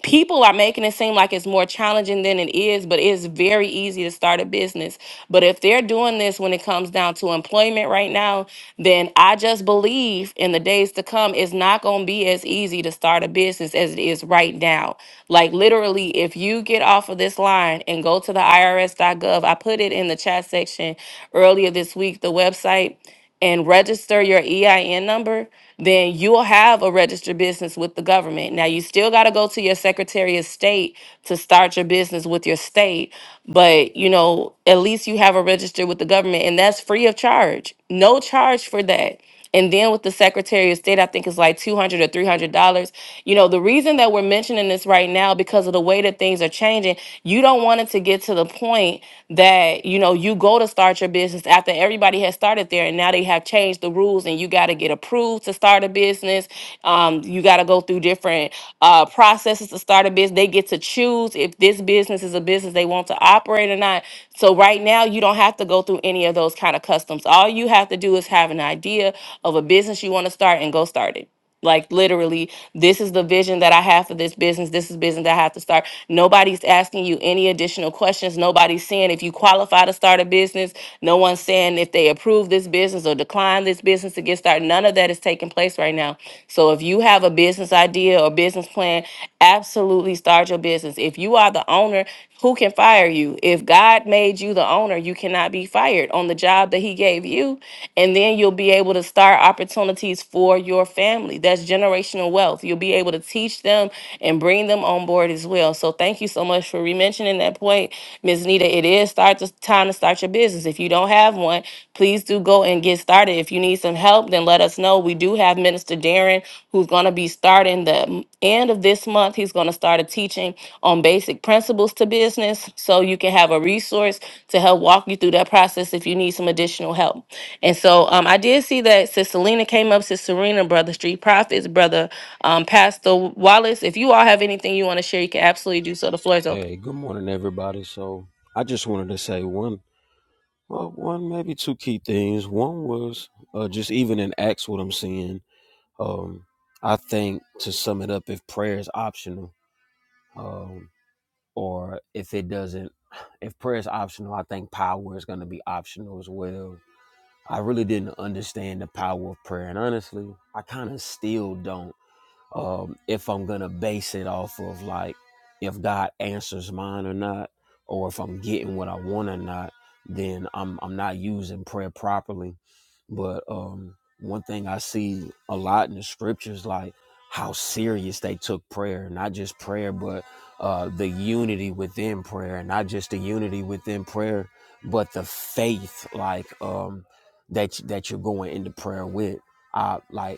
S1: people are making it seem like it's more challenging than it is, but it's very easy to start a business. But if they're doing this when it comes down to employment right now, then I just believe in the days to come, it's not going to be as easy to start a business as it is right now. Like literally, literally, if you get off of this line and go to the IRS.gov, I put it in the chat section earlier this week, the website, and register your EIN number, then you'll have a registered business with the government. Now, you still got to go to your Secretary of State to start your business with your state, but you know, at least you have a register with the government, and that's free of charge. No charge for that and then with the secretary of state i think it's like 200 or 300 dollars you know the reason that we're mentioning this right now because of the way that things are changing you don't want it to get to the point that you know you go to start your business after everybody has started there and now they have changed the rules and you got to get approved to start a business um, you got to go through different uh, processes to start a business they get to choose if this business is a business business they want to operate or not. So right now you don't have to go through any of those kind of customs. All you have to do is have an idea of a business you want to start and go start it. Like literally, this is the vision that I have for this business. This is business that I have to start. Nobody's asking you any additional questions. Nobody's saying if you qualify to start a business. No one's saying if they approve this business or decline this business to get started. None of that is taking place right now. So if you have a business idea or business plan, absolutely start your business. If you are the owner, who can fire you? If God made you the owner, you cannot be fired on the job that He gave you. And then you'll be able to start opportunities for your family. That's generational wealth. You'll be able to teach them and bring them on board as well. So thank you so much for re-mentioning that point, Ms. Nita. It is start to, time to start your business. If you don't have one, please do please do go and get started. If you need some help, then let us know. We do have Minister Darren who's going to be starting the m- end of this month. He's going to start a teaching on basic principles to business so you can have a resource to help walk you through that process if you need some additional help. And so um, I did see that Sister Lena came up, Sister Serena, Brother Street Profits, Brother um, Pastor Wallace. If you all have anything you want to share, you can absolutely do so. The floor is open.
S5: Hey, good morning, everybody. So I just wanted to say one, well, one maybe two key things. One was uh, just even in Acts, what I'm seeing. Um, I think to sum it up, if prayer is optional, um, or if it doesn't, if prayer is optional, I think power is going to be optional as well. I really didn't understand the power of prayer, and honestly, I kind of still don't um, if I'm gonna base it off of like if God answers mine or not, or if I'm getting what I want or not, then I'm I'm not using prayer properly. But um, one thing I see a lot in the scriptures, like how serious they took prayer, not just prayer, but uh, the unity within prayer, not just the unity within prayer, but the faith, like um, that that you're going into prayer with. I like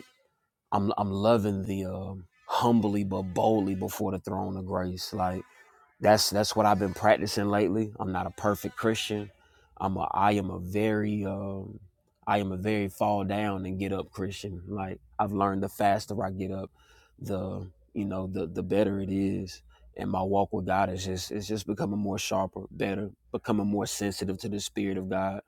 S5: I'm I'm loving the um humbly but boldly before the throne of grace. Like that's that's what I've been practicing lately. I'm not a perfect Christian. I'm a I am a very um I am a very fall down and get up Christian. Like I've learned the faster I get up, the you know, the the better it is. And my walk with God is just it's just becoming more sharper, better, becoming more sensitive to the spirit of God.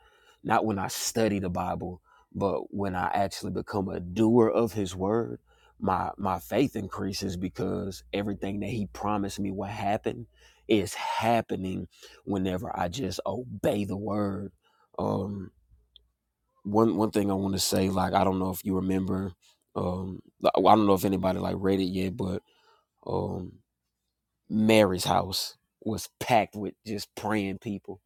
S5: Not when I study the Bible, but when I actually become a doer of his word, my my faith increases because everything that he promised me will happen is happening whenever I just obey the word. Um, one one thing I want to say, like I don't know if you remember, um, I don't know if anybody like read it yet, but um, Mary's house was packed with just praying people,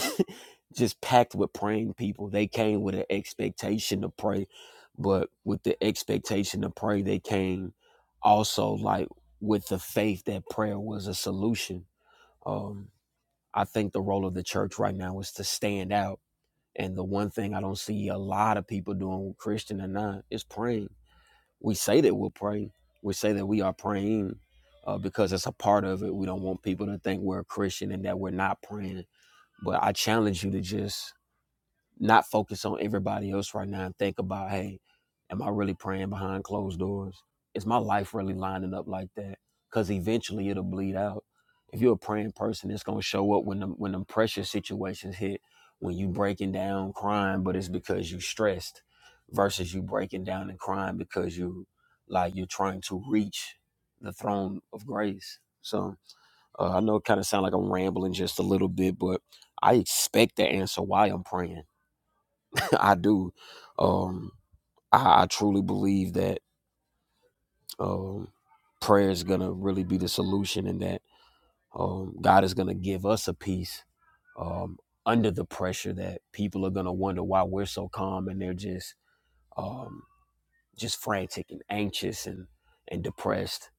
S5: just packed with praying people. They came with an expectation to pray, but with the expectation to pray, they came also like with the faith that prayer was a solution. Um, I think the role of the church right now is to stand out. And the one thing I don't see a lot of people doing, Christian or not, is praying. We say that we're praying. We say that we are praying uh, because it's a part of it. We don't want people to think we're a Christian and that we're not praying. But I challenge you to just not focus on everybody else right now and think about, hey, am I really praying behind closed doors? Is my life really lining up like that? Because eventually it'll bleed out. If you're a praying person, it's gonna show up when them when them pressure situations hit, when you breaking down crying, but it's because you stressed versus you breaking down and crying because you like you're trying to reach the throne of grace. So uh, I know it kind of sound like I'm rambling just a little bit, but I expect the answer why I'm praying I do. Um, I, I truly believe that um, prayer is going to really be the solution and that um, God is going to give us a peace um, under the pressure that people are going to wonder why we're so calm and they're just um, just frantic and anxious and, and depressed.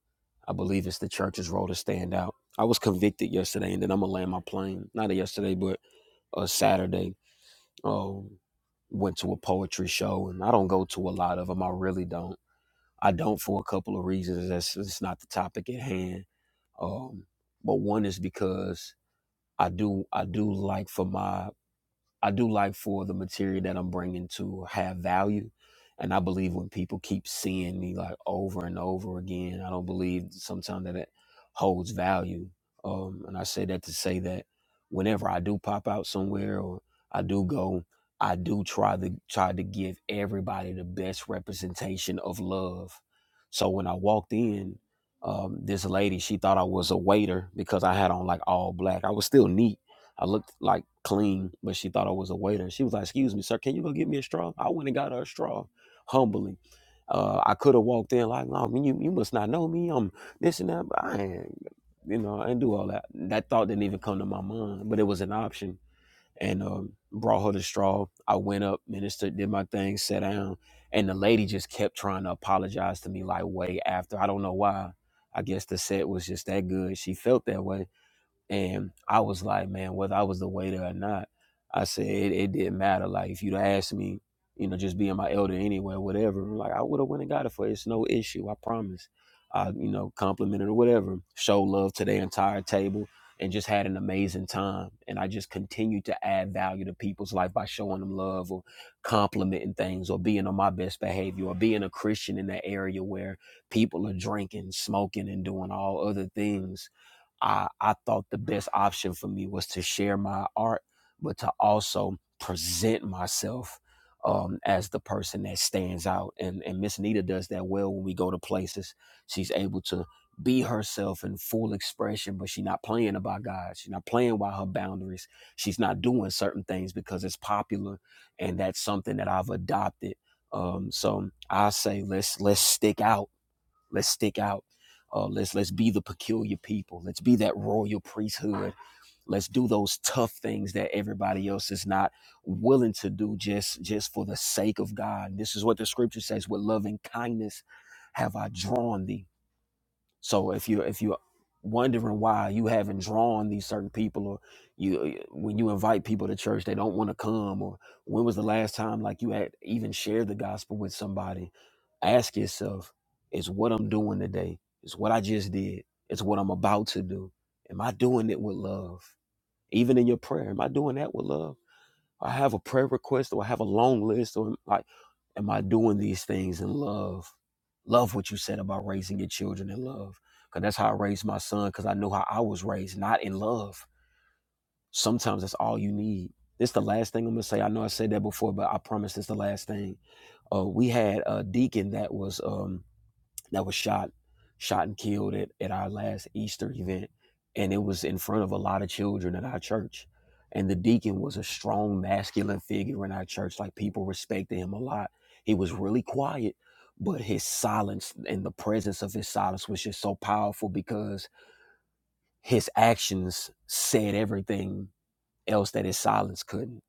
S5: I believe it's the church's role to stand out. I was convicted yesterday and then I'm going to land my plane. Not yesterday, but uh, Saturday. Um, went to a poetry show and I don't go to a lot of them. I really don't I don't for a couple of reasons. That's it's not the topic at hand. Um, but one is because I do I do like for my I do like for the material that I'm bringing to have value. And I believe when people keep seeing me like over and over again, I don't believe sometimes that it holds value. Um, and I say that to say that whenever I do pop out somewhere or I do go, I do try to try to give everybody the best representation of love. So when I walked in, um, this lady, she thought I was a waiter because I had on like all black. I was still neat, I looked like clean, but she thought I was a waiter. She was like, "Excuse me, sir, can you go get me a straw?" I went and got her a straw, humbly. Uh, I could have walked in like, "No, man, you you must not know me. I'm this and that." But I ain't, you know, I didn't do all that. That thought didn't even come to my mind, but it was an option. And um, brought her the straw. I went up, ministered, did my thing, sat down, and the lady just kept trying to apologize to me like way after. I don't know why. I guess the set was just that good. She felt that way and I was like, man, whether I was the waiter or not, I said it, it didn't matter. Like if you'd asked me, you know, just being my elder anyway, whatever, like I would have went and got it for you. It's no issue, I promise. I, you know, complimented or whatever, show love to the entire table and just had an amazing time. And I just continued to add value to people's life by showing them love or complimenting things or being on my best behavior or being a Christian in that area where people are drinking, smoking, and doing all other things I, I thought the best option for me was to share my art, but to also present myself um, as the person that stands out. And, and Miss Nita does that well when we go to places. She's able to be herself in full expression, but she's not playing about God. She's not playing by her boundaries. She's not doing certain things because it's popular. And that's something that I've adopted. Um, so I say let's let's stick out Let's stick out. Uh, let's let's be the peculiar people. Let's be that royal priesthood. Let's do those tough things that everybody else is not willing to do just just for the sake of God. This is what the scripture says: "With loving kindness have I drawn thee." So if you if you wondering why you haven't drawn these certain people or you when you invite people to church they don't want to come or when was the last time like you had even shared the gospel with somebody ask yourself is what I'm doing today is what I just did it's what I'm about to do am I doing it with love even in your prayer am I doing that with love I have a prayer request or I have a long list or like, am I doing these things in love? Love what you said about raising your children in love. Because that's how I raised my son, because I know how I was raised, not in love. Sometimes that's all you need. This is the last thing I'm going to say. I know I said that before, but I promise this is the last thing. Uh, we had a deacon that was um, that was shot shot and killed at, at our last Easter event and it was in front of a lot of children at our church and the deacon was a strong masculine figure in our church like people respected him a lot he was really quiet but his silence and the presence of his silence was just so powerful because his actions said everything else that his silence couldn't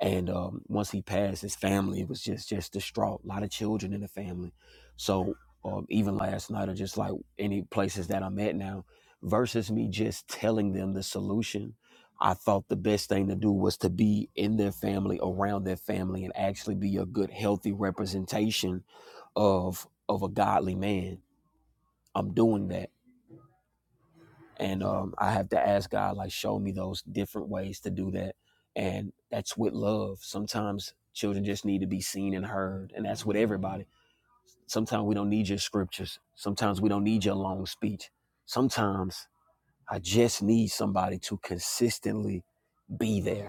S5: and um, once he passed, his family was just just distraught. A lot of children in the family. So um, even last night, or just like any places that I'm at now, versus me just telling them the solution, I thought the best thing to do was to be in their family, around their family, and actually be a good, healthy representation of of a godly man. I'm doing that and um, I have to ask God, like, show me those different ways to do that. And that's with love. Sometimes children just need to be seen and heard, and that's with everybody. Sometimes we don't need your scriptures. Sometimes we don't need your long speech. Sometimes I just need somebody to consistently be there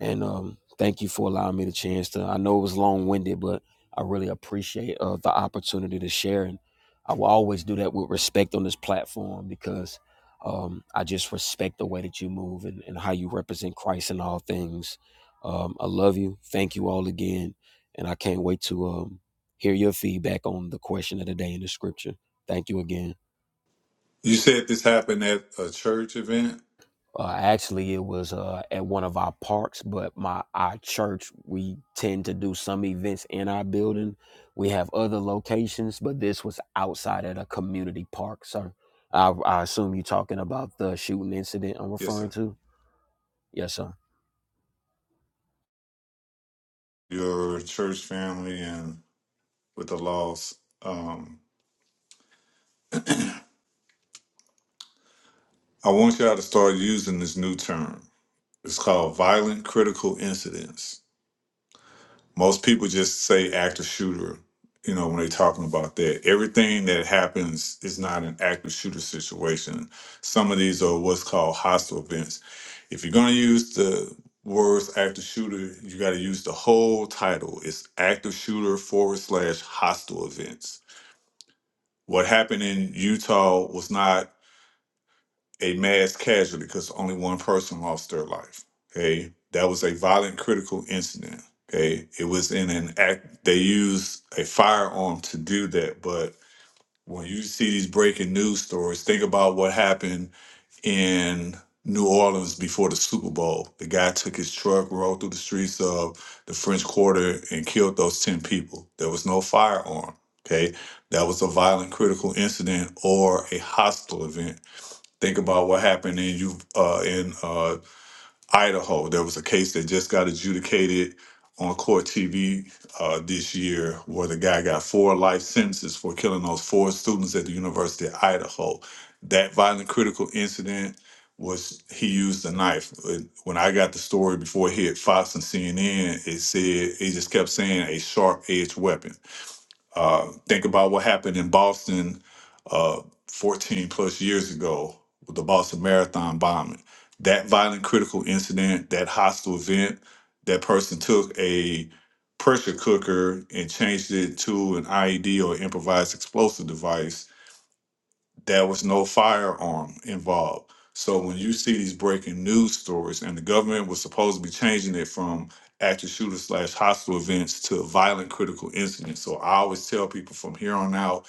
S5: and um, thank you for allowing me the chance to. I know it was long winded, but I really appreciate uh, the opportunity to share, and I will always do that with respect on this platform because um, I just respect the way that you move and, and how you represent Christ in all things. Um, I love you. Thank you all again, and I can't wait to um, hear your feedback on the question of the day in the scripture. Thank you again.
S4: You said this happened at a church event?
S5: Uh, actually, it was uh, at one of our parks, but my our church we tend to do some events in our building. We have other locations, but this was outside at a community park, sir. I, I assume you're talking about the shooting incident I'm
S4: Yes,
S5: referring
S4: sir.
S5: to. Yes, sir.
S4: Your church family and with the loss. Um, I want y'all to start using this new term. It's called violent critical incidents. Most people just say active shooter, you know, when they're talking about that. Everything that happens is not an active shooter situation. Some of these are what's called hostile events. If you're going to use the words active shooter, you got to use the whole title. It's active shooter forward slash hostile events. What happened in Utah was not a mass casualty because only one person lost their life. Okay, that was a violent critical incident. Okay, it was in an act. They used a firearm to do that. But when you see these breaking news stories, think about what happened in New Orleans before the Super Bowl. The guy took his truck, rode through the streets of the French Quarter, and killed those ten people. There was no firearm. Okay, that was a violent critical incident or a hostile event Think about what happened in you uh, in uh, Idaho. There was a case that just got adjudicated on court TV uh, this year, where the guy got four life sentences for killing those four students at the University of Idaho. That violent critical incident was he used a knife. When when I got the story before it hit Fox and CNN, it said it just kept saying a sharp edged weapon. Uh, think about what happened in Boston uh, 14 plus years ago with the Boston Marathon bombing. That violent, critical incident, that hostile event, that person took a pressure cooker and changed it to an IED or improvised explosive device there was no firearm involved. So when you see these breaking news stories, and the government was supposed to be changing it from active shooter slash hostile events to violent critical incident. So I always tell people from here on out,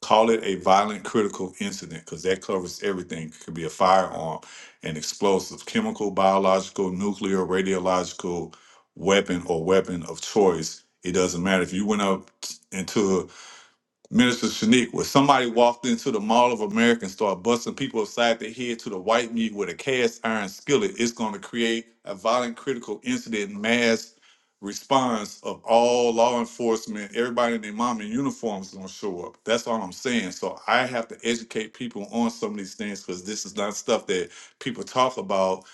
S4: call it a violent critical incident because that covers everything. It could be a firearm, an explosive, chemical, biological, nuclear, radiological weapon or weapon of choice. It doesn't matter if you went up into Minister Shanique, when somebody walked into the Mall of America and started busting people upside their head to the white meat with a cast iron skillet, it's going to create a violent critical incident mass response of all law enforcement, everybody in their mom in uniforms is going to show up. That's all I'm saying. So I have to educate people on some of these things because this is not stuff that people talk about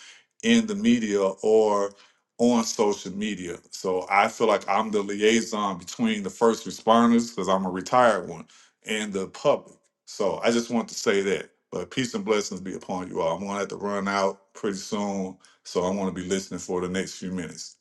S4: in the media or on social media. So I feel like I'm the liaison between the first responders, because I'm a retired one, and the public. So I just want to say that. But peace and blessings be upon you all. I'm gonna have to run out pretty soon. So I'm gonna be listening for the next few minutes.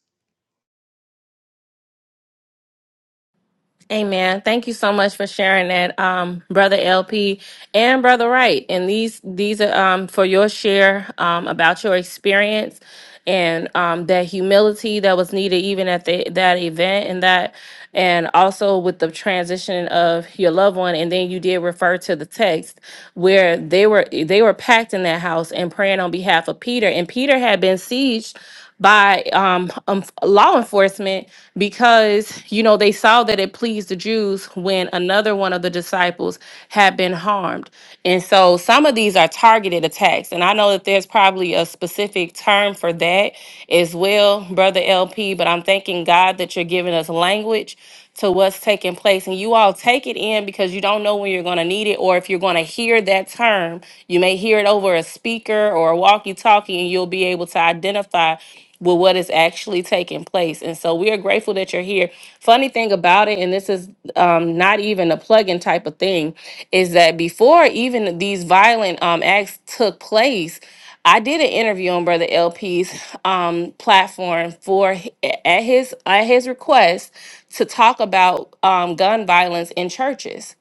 S1: Amen. Thank you so much for sharing that, um, brother LP and brother Wright. And these these are um, for your share um, about your experience and um, that humility that was needed even at the, that event and that and also with the transition of your loved one and then you did refer to the text where they were they were packed in that house and praying on behalf of peter and peter had been sieged by um, um, law enforcement because you know they saw that it pleased the Jews when another one of the disciples had been harmed. And so some of these are targeted attacks, and I know that there's probably a specific term for that as well, brother LP. But I'm thanking God that you're giving us language to what's taking place. And you all take it in because you don't know when you're going to need it or if you're going to hear that term. You may hear it over a speaker or a walkie talkie, and you'll be able to identify with what is actually taking place. And so we are grateful that you're here. Funny thing about it, and this is um, not even a plug in type of thing, is that before even these violent um, acts took place, I did an interview on Brother LP's um, platform for at his at his request to talk about um, gun violence in churches.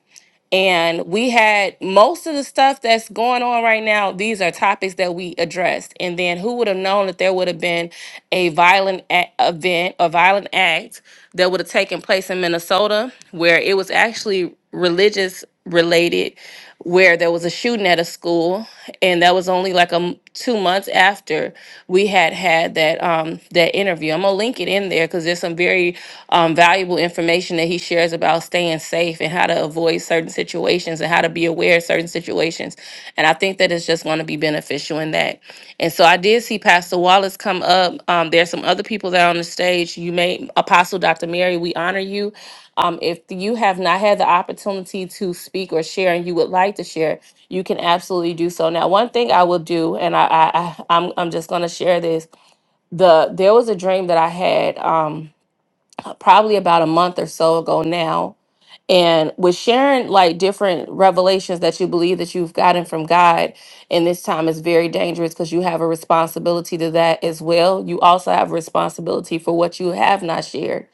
S1: And we had most of the stuff that's going on right now. These are topics that we addressed. And then who would have known that there would have been a violent a- event, a violent act that would have taken place in Minnesota, where it was actually religious related where there was a shooting at a school and that was only like um two months after we had had that um that interview i'm gonna link it in there because there's some very um, valuable information that he shares about staying safe and how to avoid certain situations and how to be aware of certain situations and i think that it's just going to be beneficial in that and so i did see pastor wallace come up um, there's some other people that are on the stage you may apostle dr mary we honor you um, if you have not had the opportunity to speak or share and you would like to share, you can absolutely do so. Now, one thing I will do, and I, I, I I'm, I'm just going to share this. The there was a dream that I had um, probably about a month or so ago now and with sharing like different revelations that you believe that you've gotten from God in this time is very dangerous because you have a responsibility to that as well. You also have a responsibility for what you have not shared.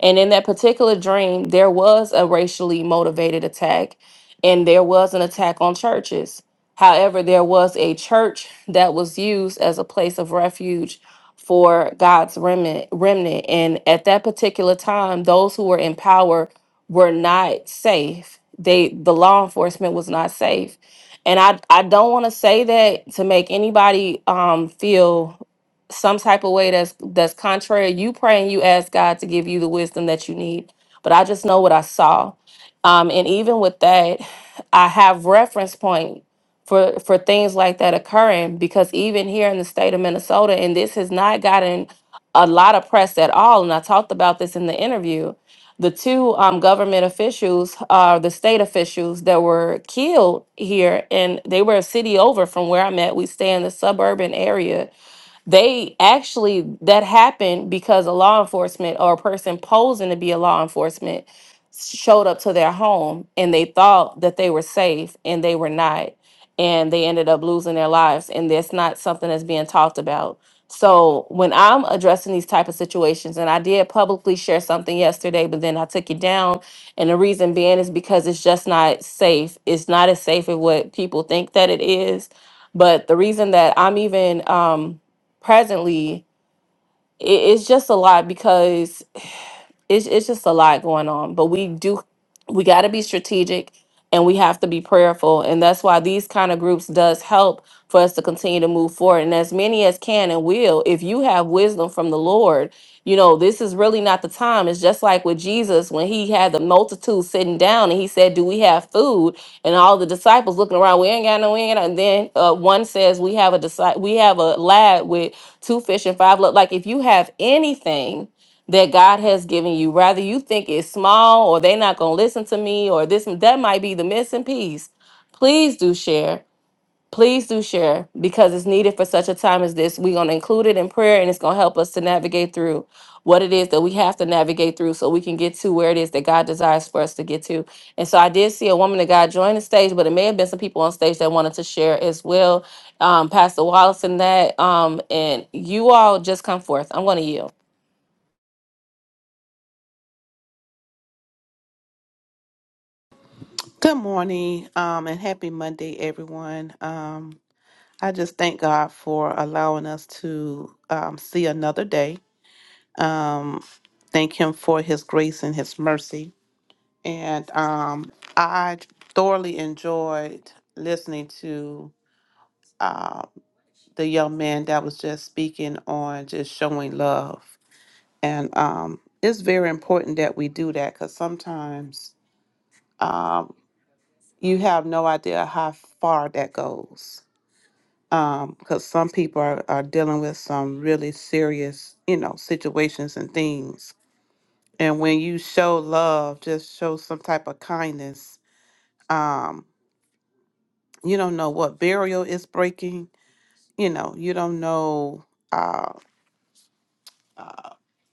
S1: And in that particular dream, there was a racially motivated attack and there was an attack on churches. However, there was a church that was used as a place of refuge for God's remnant, remnant. And at that particular time, those who were in power were not safe. They the law enforcement was not safe. And I I don't want to say that to make anybody um feel some type of way that's that's contrary. You pray and you ask God to give you the wisdom that you need. But I just know what I saw. Um and even with that, I have reference point for for things like that occurring because even here in the state of Minnesota and this has not gotten a lot of press at all and I talked about this in the interview the two um, government officials are the state officials that were killed here and they were a city over from where i'm at we stay in the suburban area they actually that happened because a law enforcement or a person posing to be a law enforcement showed up to their home and they thought that they were safe and they were not and they ended up losing their lives and that's not something that's being talked about. So when I'm addressing these type of situations and I did publicly share something yesterday but then I took it down and the reason being is because it's just not safe. It's not as safe as what people think that it is. But the reason that I'm even um presently, it, it's just a lot because it's it's just a lot going on but we do we got to be strategic and we have to be prayerful and that's why these kind of groups does help for us to continue to move forward and as many as can and will if you have wisdom from the lord you know this is really not the time it's just like with jesus when he had the multitude sitting down and he said do we have food and all the disciples looking around we ain't got no we ain't got no. and then uh, one says we have a disci- we have a lad with two fish and five lo-" like if you have anything that God has given you. Rather you think it's small or they're not going to listen to me or this that might be the missing piece. Please do share. Please do share because it's needed for such a time as this. We're going to include it in prayer and it's going to help us to navigate through what it is that we have to navigate through so we can get to where it is that God desires for us to get to. And so I did see a woman of God join the stage, but it may have been some people on stage that wanted to share as well. Um, Pastor Wallace and that. Um, and you all just come forth. I'm going to yield.
S6: Good morning, um, and happy Monday, everyone. Um, I just thank God for allowing us to um, see another day. Um, thank Him for His grace and His mercy. And um, I thoroughly enjoyed listening to uh, the young man that was just speaking on just showing love. And um, it's very important that we do that because sometimes um, you have no idea how far that goes um because some people are, are dealing with some really serious you know situations and things and when you show love just show some type of kindness um you don't know what burial is breaking you know you don't know uh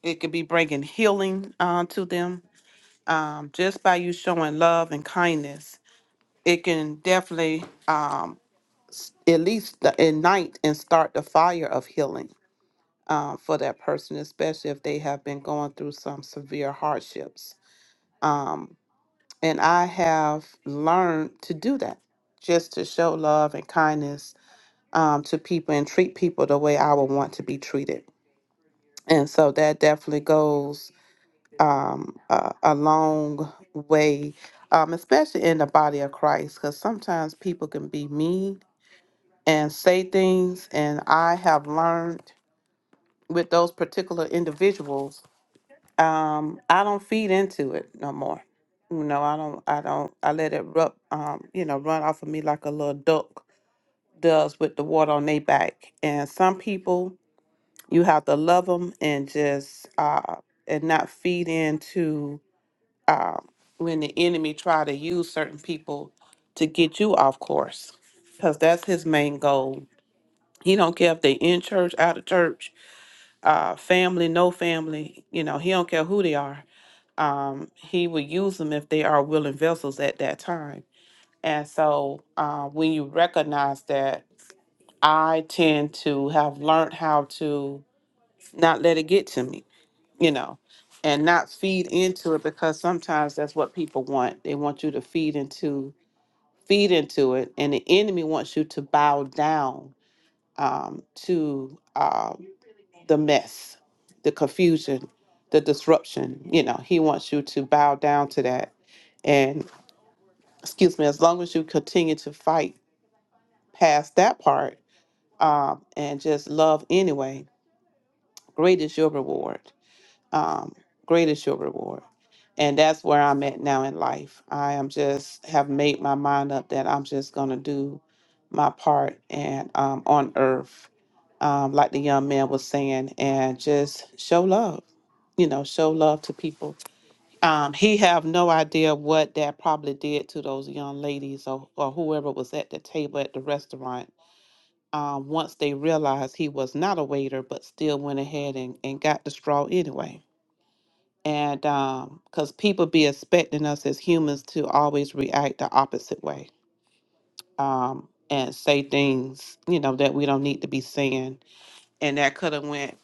S6: it could be bringing healing uh, to them um just by you showing love and kindness it can definitely um s- at least the- ignite and start the fire of healing uh, for that person, especially if they have been going through some severe hardships. Um, and I have learned to do that just to show love and kindness um, to people and treat people the way I would want to be treated. And so that definitely goes um, a, a long way, um, especially in the body of Christ, because sometimes people can be mean and say things. And I have learned with those particular individuals um i don't feed into it no more you know i don't i don't i let it rub um you know run off of me like a little duck does with the water on their back and some people you have to love them and just uh and not feed into um when the enemy try to use certain people to get you off course because that's his main goal he don't care if they in church out of church uh family no family you know he don't care who they are um, he will use them if they are willing vessels at that time. And so uh, when you recognize that, I tend to have learned how to not let it get to me, you know, and not feed into it because sometimes that's what people want. They want you to feed into feed into it, and the enemy wants you to bow down um, to um, the mess, the confusion, the disruption. You know, he wants you to bow down to that and. excuse me, as long as you continue to fight past that part um, and just love anyway, great is your reward. Um, great is your reward. And that's where I'm at now in life. I am just have made my mind up that I'm just going to do my part and um, on earth, um, like the young man was saying, and just show love, you know, show love to people um, he have no idea what that probably did to those young ladies or, or whoever was at the table at the restaurant. Um, once they realized he was not a waiter, but still went ahead and, and got the straw anyway. And because people be expecting us as humans to always react the opposite way um, and say things, you know, that we don't need to be saying. And that could have went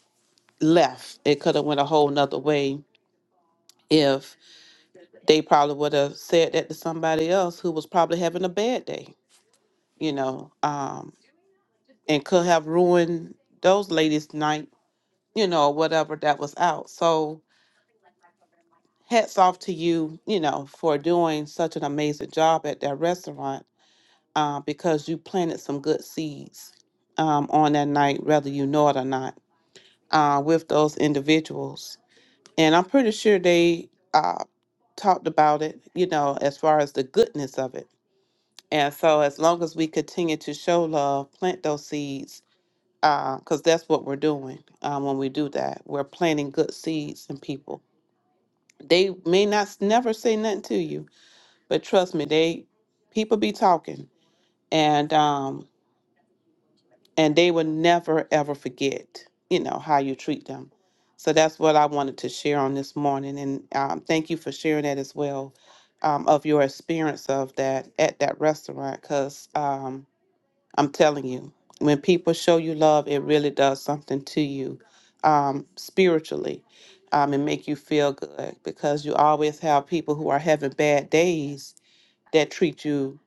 S6: left. It could have went a whole nother way if. they probably would have said that to somebody else who was probably having a bad day, you know, um, and could have ruined those ladies' night, you know, or whatever that was out. So hats off to you, you know, for doing such an amazing job at that restaurant uh, because you planted some good seeds um, on that night, whether you know it or not, uh, with those individuals. And I'm pretty sure they uh, talked about it, you know, as far as the goodness of it And so, as long as we continue to show love, plant those seeds, because that's what we're doing uh, when we do that. We're planting good seeds in people. They may not s- never say nothing to you, but trust me, they people be talking, and um, and they will never ever forget, you know, how you treat them. So that's what I wanted to share on this morning, and um, thank you for sharing that as well, um, of your experience of that at that restaurant, because. I'm telling you, when people show you love, it really does something to you um, spiritually um, and make you feel good because you always have people who are having bad days that treat you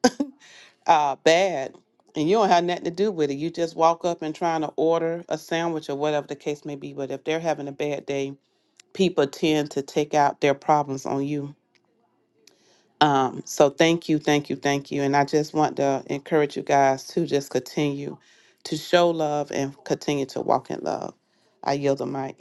S6: uh, bad and you don't have nothing to do with it. You just walk up and trying to order a sandwich or whatever the case may be. But if they're having a bad day, people tend to take out their problems on you um, so thank you, thank you, thank you. And I just want to encourage you guys to just continue to show love and continue to walk in love. I yield the mic.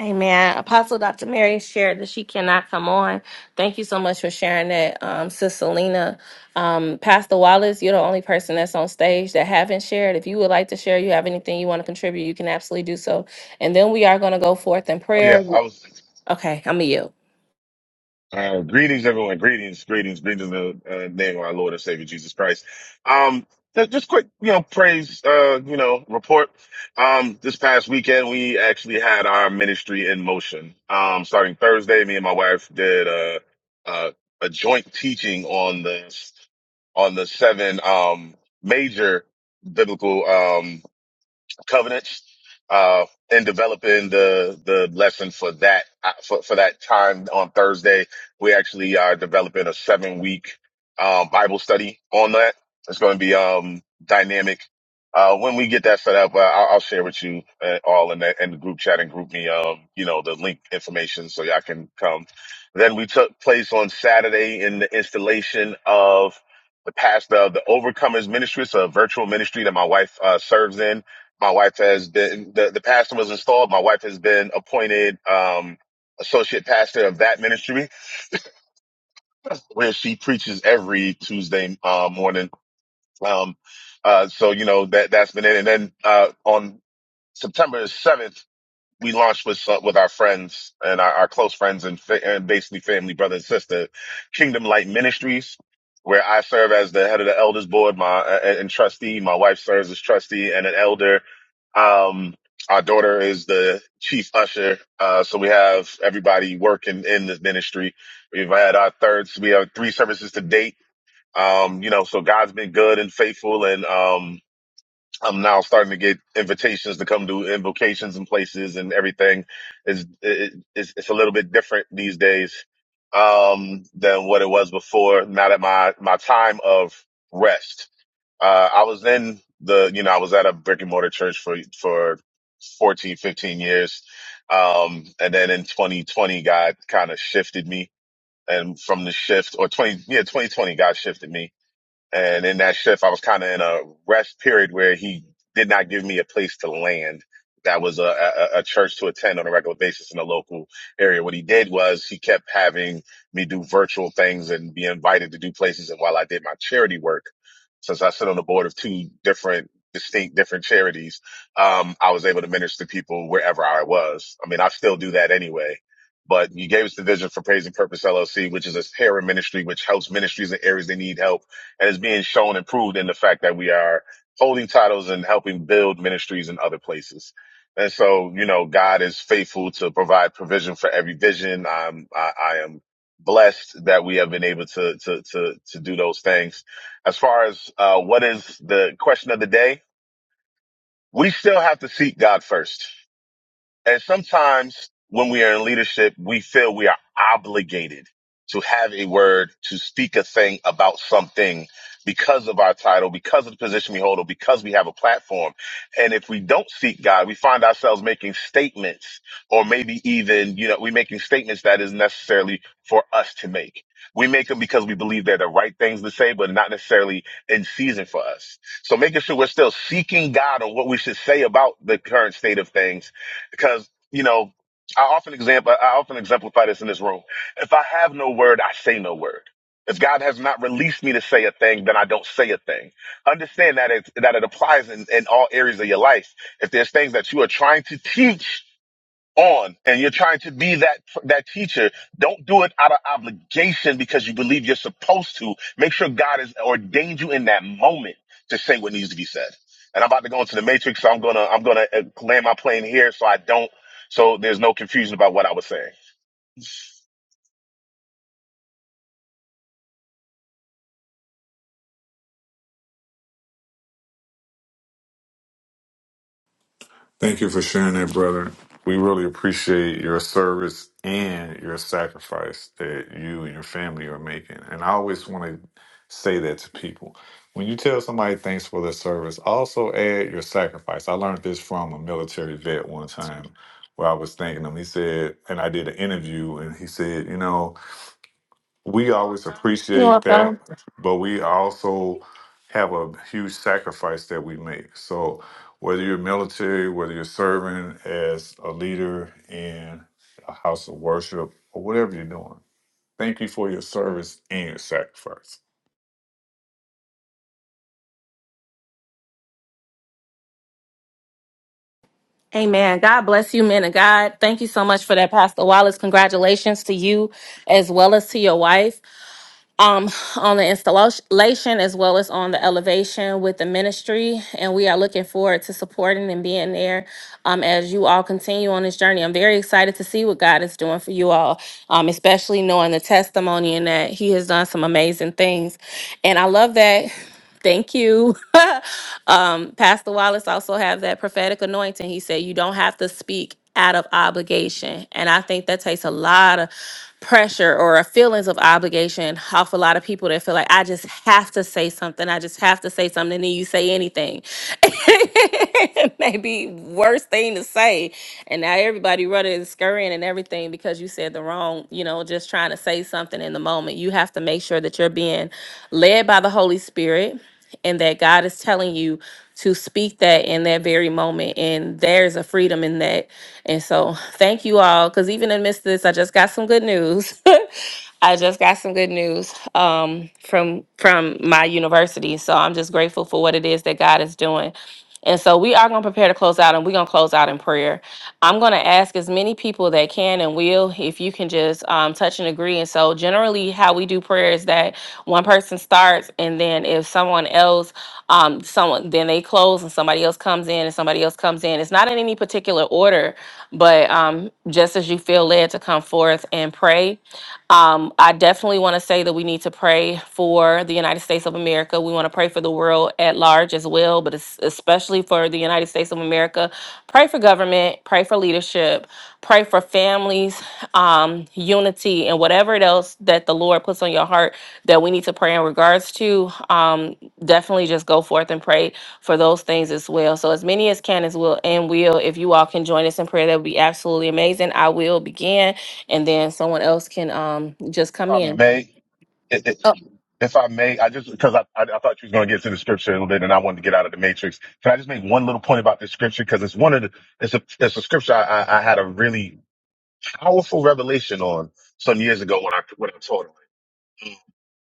S1: Amen. Apostle Dr. Mary shared that she cannot come on. Thank you so much for sharing that, um, Sis Selena. Um, Pastor Wallace, you're the only person that's on stage that haven't shared. If you would like to share, you have anything you want to contribute, you can absolutely do so. And then we are going to go forth in
S7: Oh yeah,
S1: prayer.
S7: I was.
S1: Okay, I'm a you.
S7: Uh, greetings, everyone. Greetings, greetings, greetings in the uh, name of our Lord and Savior Jesus Christ. Um, ju- just quick, you know, praise, uh, you know, report. Um, this past weekend we actually had our ministry in motion. Um, starting Thursday, me and my wife did uh, uh, a joint teaching on the on the seven um major biblical um, covenants uh, and developing the the lesson for that uh, for, for that time on Thursday. We actually are developing a seven week um, Bible study on that. It's going to be um, dynamic. Uh, when we get that set up, uh, I'll, I'll share with you uh, all in the, in the group chat and group me, um, you know, the link information so y'all can come. Then we took place on Saturday in the installation of the pastor of the Overcomers Ministry. It's a virtual ministry that my wife uh, serves in my wife has been the, the pastor was installed. My wife has been appointed um, associate pastor of that ministry, where she preaches every Tuesday uh, morning. Um, uh, so you know that that's been it. And then uh, on September seventh, we launched with uh, with our friends and our, our close friends and, fa- and basically family, brother and sister, Kingdom Light Ministries, where I serve as the head of the elders board, my and, and trustee. My wife serves as trustee and an elder. Um, our daughter is the chief usher. Uh, so we have everybody working in this ministry. We've had our thirds. We have three services to date. Um, you know, so God's been good and faithful, and um, I'm now starting to get invitations to come do invocations and places and everything is it, it's, it's a little bit different these days um than what it was before now that my my time of rest uh I was in the you know I was at a brick and mortar church for for 14 15 years um and then in 2020 God kind of shifted me and from the shift or 20 yeah 2020 God shifted me and in that shift, I was kind of in a rest period where he did not give me a place to land. That was a, a, a church to attend on a regular basis in the local area. What he did was he kept having me do virtual things and be invited to do places. And while I did my charity work, since I sit on the board of two different distinct different charities, um, I was able to minister to people wherever I was. I mean, I still do that anyway but you gave us the vision for Praise and Purpose LLC, which is a parent ministry, which helps ministries in areas they need help and is being shown and proved in the fact that we are holding titles and helping build ministries in other places. And so, you know, God is faithful to provide provision for every vision. I'm, I, I am blessed that we have been able to, to, to, to do those things. As far as, uh, what is the question of the day? We still have to seek God first and sometimes when we are in leadership, we feel we are obligated to have a word, to speak a thing about something because of our title, because of the position we hold, or because we have a platform. And if we don't seek God, we find ourselves making statements or maybe even, you know, we're making statements that is necessarily for us to make. We make them because we believe they're the right things to say, but not necessarily in season for us. So making sure we're still seeking God on what we should say about the current state of things because you know I often example I often exemplify this in this room. If I have no word, I say no word. If God has not released me to say a thing, then I don't say a thing. Understand that it that it applies in, in all areas of your life. If there's things that you are trying to teach on and you're trying to be that that teacher don't do it out of obligation because you believe you're supposed to make sure god has ordained you in that moment to say what needs to be said and i'm about to go into the matrix so i'm gonna i'm gonna uh, land my plane here so i don't so there's no confusion about what i was saying if
S4: Thank you for sharing that, brother. We really appreciate your service and your sacrifice that you and your family are making. And I always want to say that to people. When you tell somebody thanks for their service, also add your sacrifice. I learned this from a military vet one time where I was thanking him. He said, and I did an interview, and he said, you know, we always
S1: You're
S4: appreciate that,
S1: welcome.
S4: but we also have a huge sacrifice that we make. So whether you're military, whether you're serving as a leader in a house of worship or whatever you're doing, thank you for your service and your sacrifice.
S1: Amen. God bless you, men of God. Thank you so much for that, Pastor Wallace. Congratulations to you as well as to your wife. um, on the installation as well as on the elevation with the ministry. And we are looking forward to supporting and being there um, as you all continue on this journey. I'm very excited to see what God is doing for you all, um, especially knowing the testimony and that He has done some amazing things. And I love that. Thank you. um, Pastor Wallace also have that prophetic anointing. He said you don't have to speak out of obligation. And I think that takes a lot of pressure or feelings of obligation off a lot of people that feel like I just have to say something. I just have to say something. And then you say anything. Maybe worst thing to say. And now everybody running and scurrying and everything because you said said the wrong, you know, just trying to say something in the moment. You have to make sure that you're being led by the Holy Spirit and that God is telling you to speak that in that very moment. And there's a freedom in that. And so thank you all. Cause even amidst this, I just got some good news. I just got some good news um, from from my university. So I'm just grateful for what it is that God is doing. And so we are going to prepare to close out and we're going to close out in prayer. I'm going to ask as many people that can and will, if you can just um, touch and agree. And so, generally, how we do prayer is that one person starts, and then if someone else, um, someone, then they close, and somebody else comes in, and somebody else comes in. It's not in any particular order, but um, just as you feel led to come forth and pray. Um, I definitely want to say that we need to pray for the United States of America. We want to pray for the world at large as well, but es- especially for the United States of America. Pray for government, pray for leadership, pray for families, um, unity, and whatever it else that the Lord puts on your heart that we need to pray in regards to. Um, definitely just go forth and pray for those things as well. So, as many as can as will and will, if you all can join us in prayer, that would be absolutely amazing. I will begin and then someone else can um just come
S7: i
S1: in.
S7: may it, it, if I may, I just because I, I I thought you was going to get to the scripture a little bit, and I wanted to get out of the matrix. Can I just make one little point about this scripture because it's one of the it's a it's a scripture I, I, I had a really powerful revelation on some years ago when I when I taught on it,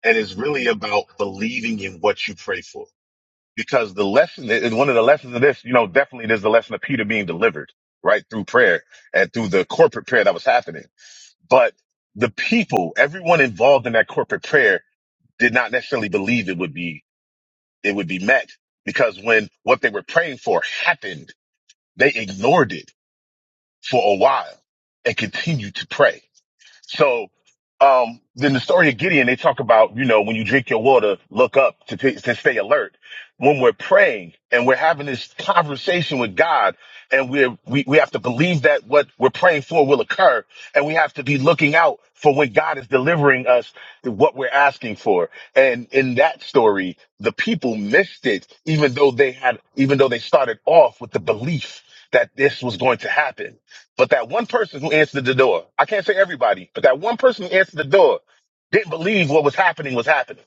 S7: and it's really about believing in what you pray for. Because the lesson is one of the lessons of this, you know, definitely there's the lesson of Peter being delivered right through prayer and through the corporate prayer that was happening. But the people, everyone involved in that corporate prayer, did not necessarily believe it would be it would be met because when what they were praying for happened, they ignored it for a while and continued to pray. So, um, then the story of Gideon, they talk about, you know, when you drink your water, look up to, t- to stay alert. When we're praying and we're having this conversation with God and we're, we, we have to believe that what we're praying for will occur and we have to be looking out for when God is delivering us what we're asking for. And in that story, the people missed it, even though they had, even though they started off with the belief that this was going to happen but that one person who answered the door, I can't say everybody, but that one person who answered the door didn't believe what was happening was happening.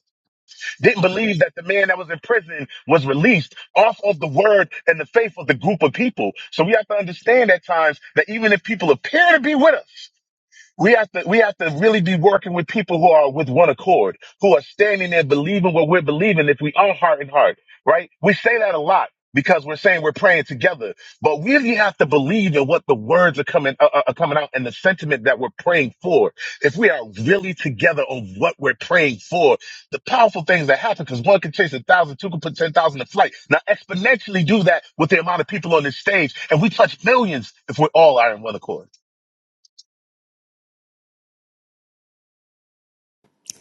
S7: Didn't believe that the man that was in prison was released off of the word and the faith of the group of people. So we have to understand at times that even if people appear to be with us, we have to we have to really be working with people who are with one accord, who are standing there believing what we're believing if we are heart and heart, right? We say that a lot because we're saying we're praying together, but we really have to believe in what the words are coming uh, uh, are coming out and the sentiment that we're praying for. If we are really together on what we're praying for, the powerful things that happen because one can chase a thousand, two can put ten thousand in flight. Now exponentially do that with the amount of people on this stage, and we touch millions if we're all are in one accord.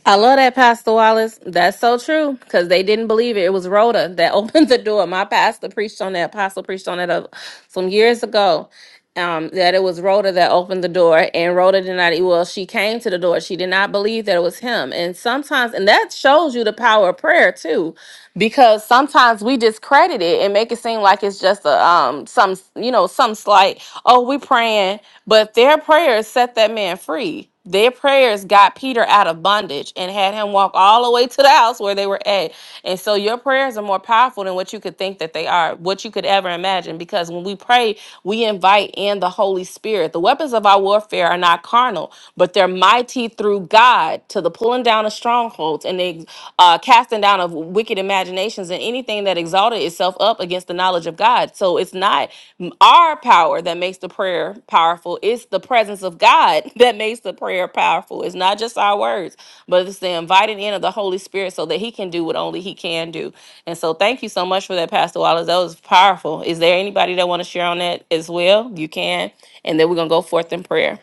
S1: I love that, Pastor Wallace. That's so true because they didn't believe it. It was Rhoda that opened the door. My pastor preached on that, apostle preached on that uh, some years ago. Um, that it was Rhoda that opened the door, and Rhoda did not. Well, she came to the door. She did not believe that it was him. And sometimes, and that shows you the power of prayer too, because sometimes we discredit it and make it seem like it's just a um some you know some slight. Oh, we praying, but their prayers set that man free their prayers got Peter out of bondage and had him walk all the way to the house where they were at. And so your prayers are more powerful than what you could think that they are, what you could ever imagine. Because when we pray, we invite in the Holy Spirit. The weapons of our warfare are not carnal, but they're mighty through through God to the pulling down of strongholds and the uh, casting down of wicked imaginations and anything that exalted itself up against the knowledge of God. So it's not m- our power that makes the prayer powerful, it's the presence of God that makes the prayer powerful. It's not just our words, but it's the invited in of the Holy Spirit so that He can do what only He can do. And so thank you so much for that, Pastor Wallace. That was powerful. Is there anybody that want to share on that as well? You can. And then we're going to go forth in prayer.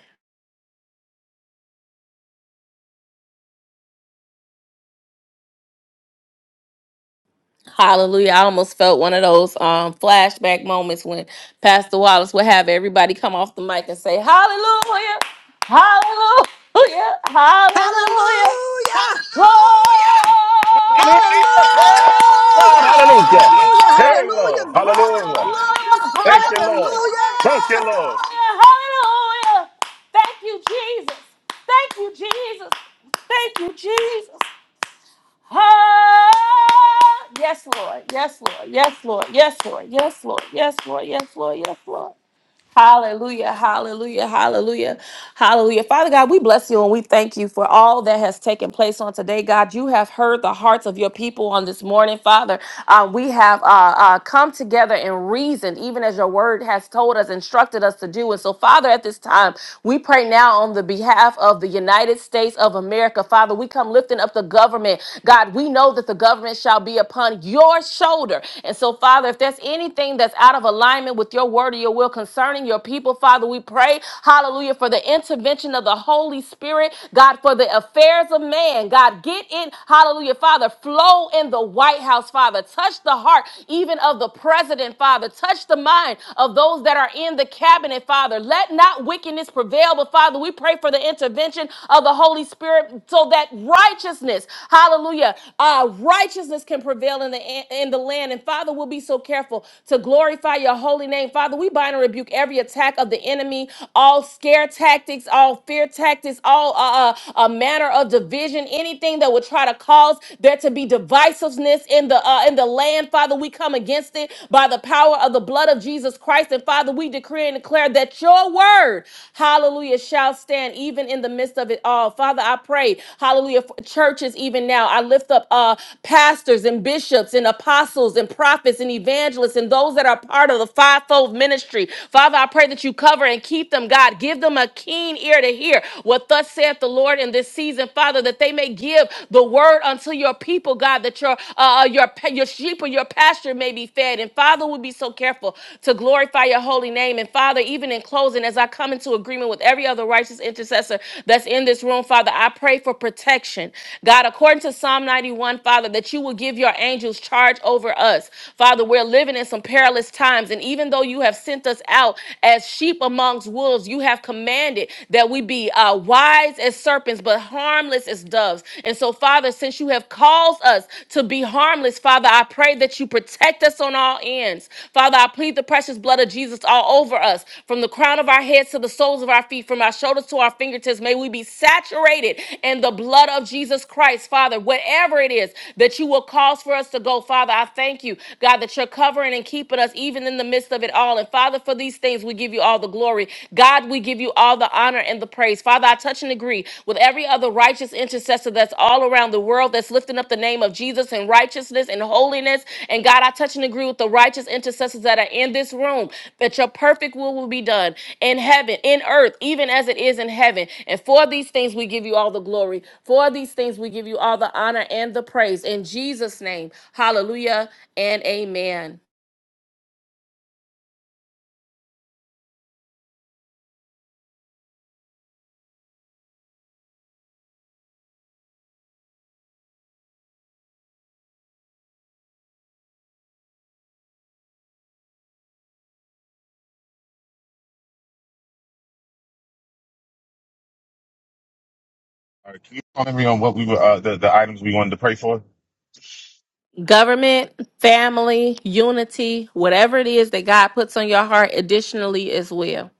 S1: Hallelujah. I almost felt one of those um, flashback moments when Pastor Wallace would have everybody come off the mic and say, Hallelujah, Hallelujah,
S2: Hallelujah.
S1: Hallelujah, Glory, Hallelujah,
S7: Hallelujah. Hey, God,
S2: Hallelujah.
S7: hallelujah.
S2: Hallelujah.
S7: Hey,
S2: Hallelujah.
S7: Lord.
S2: Glory,
S7: Hallelujah.
S2: glory.
S1: Hallelujah,
S7: Thank you, Lord. Thank you,
S2: Hallelujah.
S7: Lord.
S1: Hallelujah. Thank you, Jesus. Thank you, Jesus. Thank you, Jesus. Ah, yes, Lord. Yes, Lord. Yes, Lord. Yes, Lord. Yes, Lord. Yes, Lord. Yes, Lord. Yes, Lord. Hallelujah, hallelujah, hallelujah, hallelujah. Father God, we bless you and we thank you for all that has taken place on today. God, you have heard the hearts of your people on this morning, Father. Uh, we have uh, uh, come together and reasoned, even as your word has told us, instructed us to do. And so, Father, at this time, we pray now on the behalf of the United States of America. Father, we come lifting up the government. God, we know that the government shall be upon your shoulder. And so, Father, if there's anything that's out of alignment with your word or your will, will concerning your people, Father. We pray, hallelujah, for the intervention of the Holy Spirit, God, for the affairs of man. God, get in, hallelujah, Father. Flow in the White House, Father. Touch the heart even of the president, Father. Touch the mind of those that are in the cabinet, Father. Let not wickedness prevail, but Father, we pray for the intervention of the Holy Spirit so that righteousness, hallelujah, uh, righteousness can prevail in the in the land. And Father, we'll be so careful to glorify your holy name, Father. Father, we bind and rebuke every attack of the enemy, all scare tactics, all fear tactics, all uh, uh, a manner of division, anything that would try to cause there to be divisiveness in the uh, in the land. Father, we come against it by the power of the blood of Jesus Christ. And Father, we decree and declare that your word, hallelujah, shall stand even in the midst of it all. Father, I pray, hallelujah, for churches even now. I lift up uh, pastors and bishops and apostles and prophets and evangelists and those that are part of the fivefold ministry. Father, I pray that you cover and keep them, God. Give them a keen ear to hear what thus saith the Lord in this season, Father, that they may give the word unto your people, God, that your uh, uh, your pa- your sheep or your pasture may be fed. And Father, we'll be so careful to glorify your holy name. And Father, even in closing, as I come into agreement with every other righteous intercessor that's in this room, Father, I pray for protection. God, according to Psalm 91, Father, that you will give your angels charge over us. Father, we're living in some perilous times times. And even though you have sent us out as sheep amongst wolves, you have commanded that we be uh, wise as serpents, but harmless as doves. And so, Father, since you have caused us to be harmless, Father, I pray that you protect us on all ends. Father, I plead the precious blood of Jesus all over us, from the crown of our heads to the soles of our feet, from our shoulders to our fingertips. May we be saturated in the blood of Jesus Christ, Father. Whatever it is that you will cause for us to go, Father, I thank you, God, that you're covering and keeping keeping us even in the midst of it all. And Father, for these things, we give you all the glory. God, we give you all the honor and the praise. Father, I touch and agree with every other righteous intercessor that's all around the world that's lifting up the name of Jesus in righteousness and holiness. And God, I touch and agree with the righteous intercessors that are in this room that your perfect will will be done in heaven, in earth, even as it is in heaven. And for these things, we give you all the glory. For these things, we give you all the honor and the praise. In Jesus' name, hallelujah and amen.
S7: All right, can you remind me on what we were, uh, the, the items we wanted to pray for?
S1: government, family, unity, whatever it is that God puts on your heart additionally as well.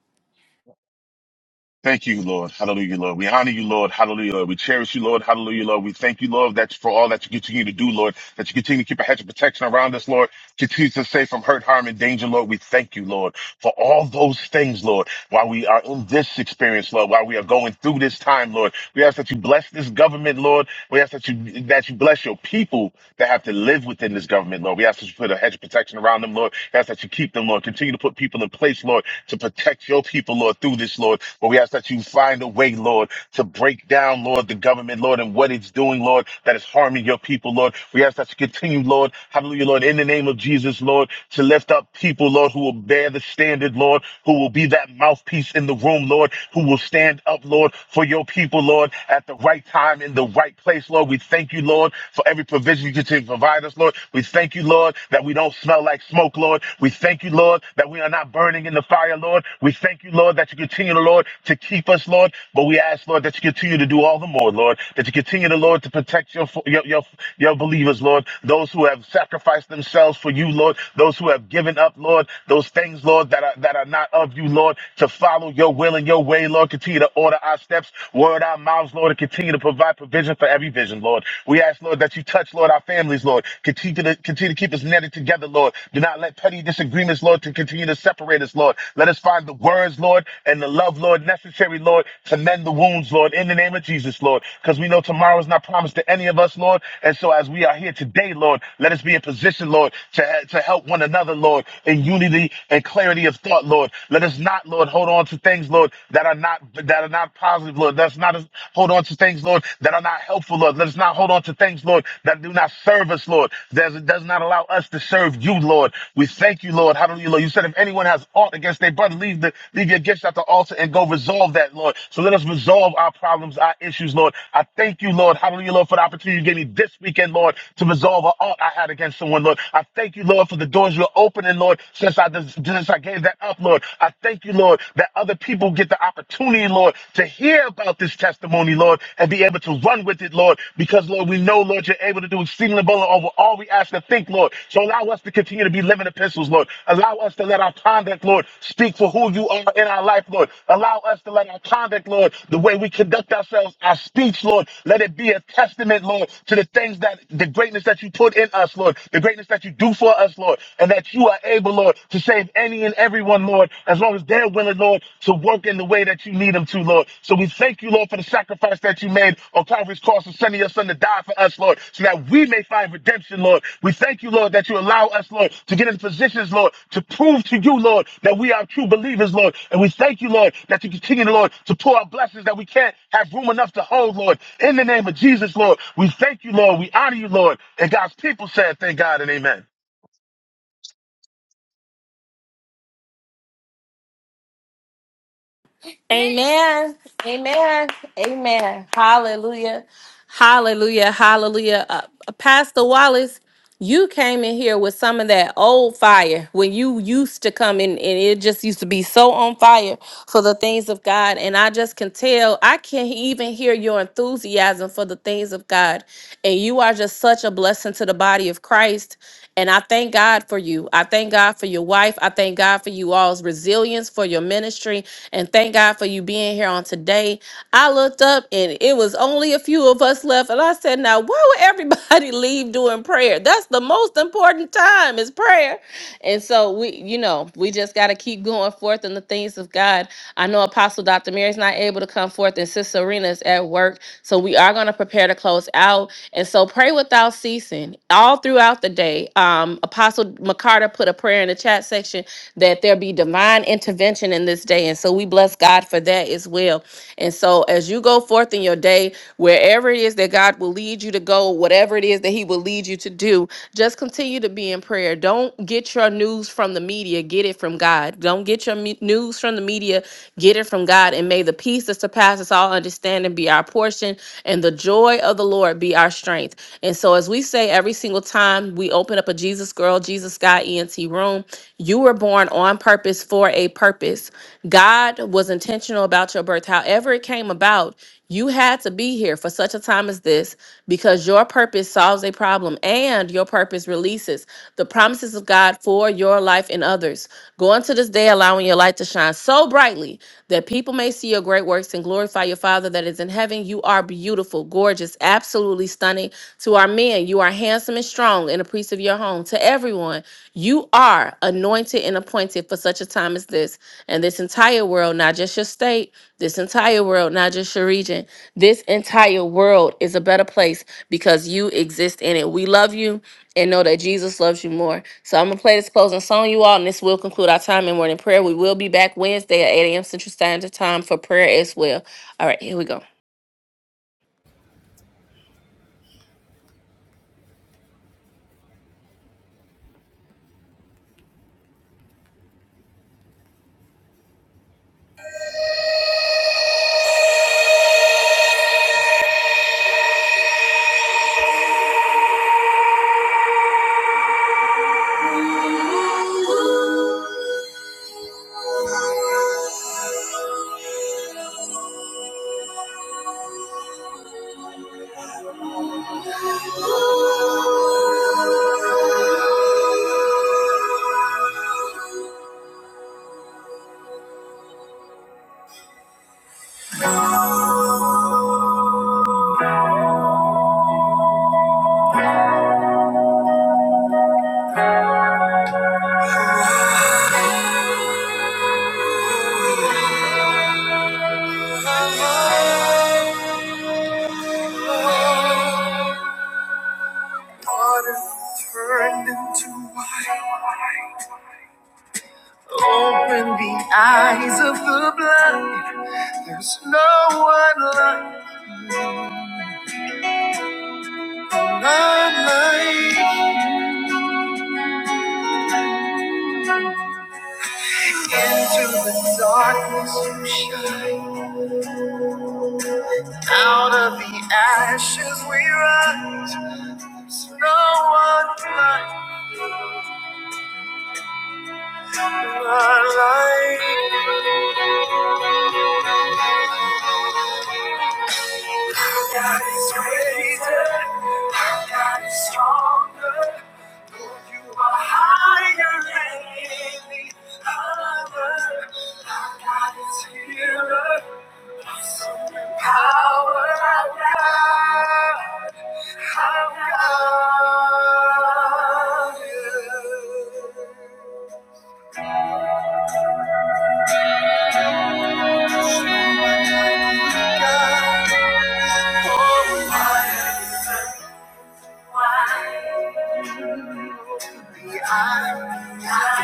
S7: Thank you, Lord. Hallelujah, Lord. We honor you, Lord. Hallelujah, Lord. We cherish you, Lord. Hallelujah, Lord. We thank you, Lord, that for all that you continue to do, Lord, that you continue to keep a hedge of protection around us, Lord. Continue to save from hurt, harm, and danger, Lord. We thank you, Lord, for all those things, Lord, while we are in this experience, Lord, while we are going through this time, Lord. We ask that you bless this government, Lord. We ask that you that you bless your people, that have to live within this government, Lord. We ask that you put a hedge of protection around them, Lord. We ask that you keep them, Lord. Continue to put people in place, Lord, to protect your people, Lord, through this, Lord. But we ask that you find a way, Lord, to break down, Lord, the government, Lord, and what it's doing, Lord, that is harming your people, Lord. We ask that you continue, Lord, hallelujah, Lord, in the name of Jesus, Lord, to lift up people, Lord, who will bear the standard, Lord, who will be that mouthpiece in the room, Lord, who will stand up, Lord, for your people, Lord, at the right time, in the right place place, Lord. We thank you, Lord, for every provision you continue to provide us, Lord. We thank you, Lord, that we don't smell like smoke, Lord. We thank you, Lord, that we are not burning in the fire, Lord. We thank you, Lord, that you continue, Lord, to keep us, Lord. But we ask, Lord, that you continue to do all the more, Lord. That you continue, to, Lord, to protect your your your, your believers, Lord. Those who have sacrificed themselves for you, Lord. Those who have given up, Lord. Those things, Lord, that are that are not of you, Lord. To follow your will and your way, Lord. Continue to order our steps, word our our mouths, Lord, and continue to provide provision for every vision, Lord. We ask, Lord, that you touch, Lord, our families, Lord. Continue to continue to keep us netted together, Lord. Do not let petty disagreements, Lord, to continue to separate us, Lord. Let us find the words, Lord, and the love, Lord, necessary, Lord, to mend the wounds, Lord, in the name of Jesus, Lord. Because we know tomorrow is not promised to any of us, Lord. And so as we are here today, Lord, let us be in position, Lord, to, to help one another, Lord, in unity and clarity of thought, Lord. Let us not, Lord, hold on to things, Lord, that are are not that are not positive, Lord. That's not hold on to things, Lord, that are not helpful, Lord. Let us not hold on to things, Lord, that do not serve us, Lord. That does not allow us to serve you, Lord. We thank you, Lord. Hallelujah, Lord. You said if anyone has aught against their brother, leave the leave your gifts at the altar and go resolve that, Lord. So let us resolve our problems, our issues, Lord. I thank you, Lord. Hallelujah, Lord, for the opportunity you gave me this weekend, Lord, to resolve an aught I had against someone, Lord. I thank you, Lord, for the doors you're opening, Lord, since I since I gave that up, Lord. I. I thank you, Lord, that other people get the opportunity, Lord, to hear about this testimony, Lord, and be able to run with it, Lord, because, Lord, we know, Lord, you're able to do exceedingly abundantly over all we ask to think, Lord. So allow us to continue to be living epistles, Lord. Allow us to let our conduct, Lord, speak for who you are in our life, Lord. Allow us to let our conduct, Lord, the way we conduct ourselves, our speech, Lord, let it be a testament, Lord, to the things that the greatness that you put in us, Lord, the greatness that you do for us, Lord, and that you are able, Lord. Lord, to save any and everyone, Lord, as long as they're willing, Lord, to work in the way that you need them to, Lord. So we thank you, Lord, for the sacrifice that you made on Calvary's cross and sending your son to die for us, Lord, so that we may find redemption, Lord. We thank you, Lord, that you allow us, Lord, to get in positions, Lord, to prove to you, Lord, that we are true believers, Lord. And we thank you, Lord, that you continue, Lord, to pour out blessings that we can't have room enough to hold, Lord. In the name of Jesus, Lord, we thank you, Lord. We honor you, Lord. And God's people said, thank God and amen.
S1: Amen. Amen. Amen. Hallelujah. Hallelujah. Hallelujah. Uh, uh, Pastor Wallace, you came in here with some of that old fire when you used to come in and it just used to be so on fire for the things of God. And I just can tell, I can even hear your enthusiasm for the things of God. And you are just such a blessing to the body of Christ. And I thank God for you. I thank God for your wife. I thank God for you all's resilience, for your ministry, and thank God for you being here on today. I looked up and it was only a few of us left. And I said, Now, why would everybody leave doing prayer? That's the most important time is prayer. And so we, you know, we just got to keep going forth in the things of God. I know Apostle Dr. Mary's not able to come forth, and Sister Serena's at work. So we are going to prepare to close out. And so pray without ceasing all throughout the day. Um, Apostle McCarter put a prayer in the chat section that there be divine intervention in this day. And so we bless God for that as well. And so as you go forth in your day, wherever it is that God God will lead you to go, whatever it is that He will lead you to do, just continue to be in prayer. Don't get your news from the media, get it from God. Don't get your me- news from the media, get it from God. And may the peace that surpasses all understanding be our portion and the joy of the Lord be our strength. And so, as we say every single time we open up a Jesus Girl, Jesus Guy ENT room, you were born on purpose for a purpose. God was intentional about your birth. However, it came about, you had to be here for such a time as this because your purpose solves a problem and your purpose releases the promises of God for your life and others. Go into this day, allowing your light to shine so brightly that people may see your great works and glorify your Father that is in heaven. You are beautiful, gorgeous, absolutely stunning. To our men, you are handsome and strong and appreciated of your home to everyone you are anointed and appointed for such a time as this and this entire world not just your state this entire world not just your region this entire world is a better place because you exist in it we love you and know that jesus loves you more so i'm gonna play this closing song you all and this will conclude our time in morning prayer we will be back wednesday at 8 a.m central standard time for prayer as well all right here we go Water turned into wine. Open the eyes of the blind. There's no none like Into the darkness you shine. Out of the ashes we rise. None like God is greater. God is stronger. You are higher than any other. Our God is healer. Awesome in power. God, God is.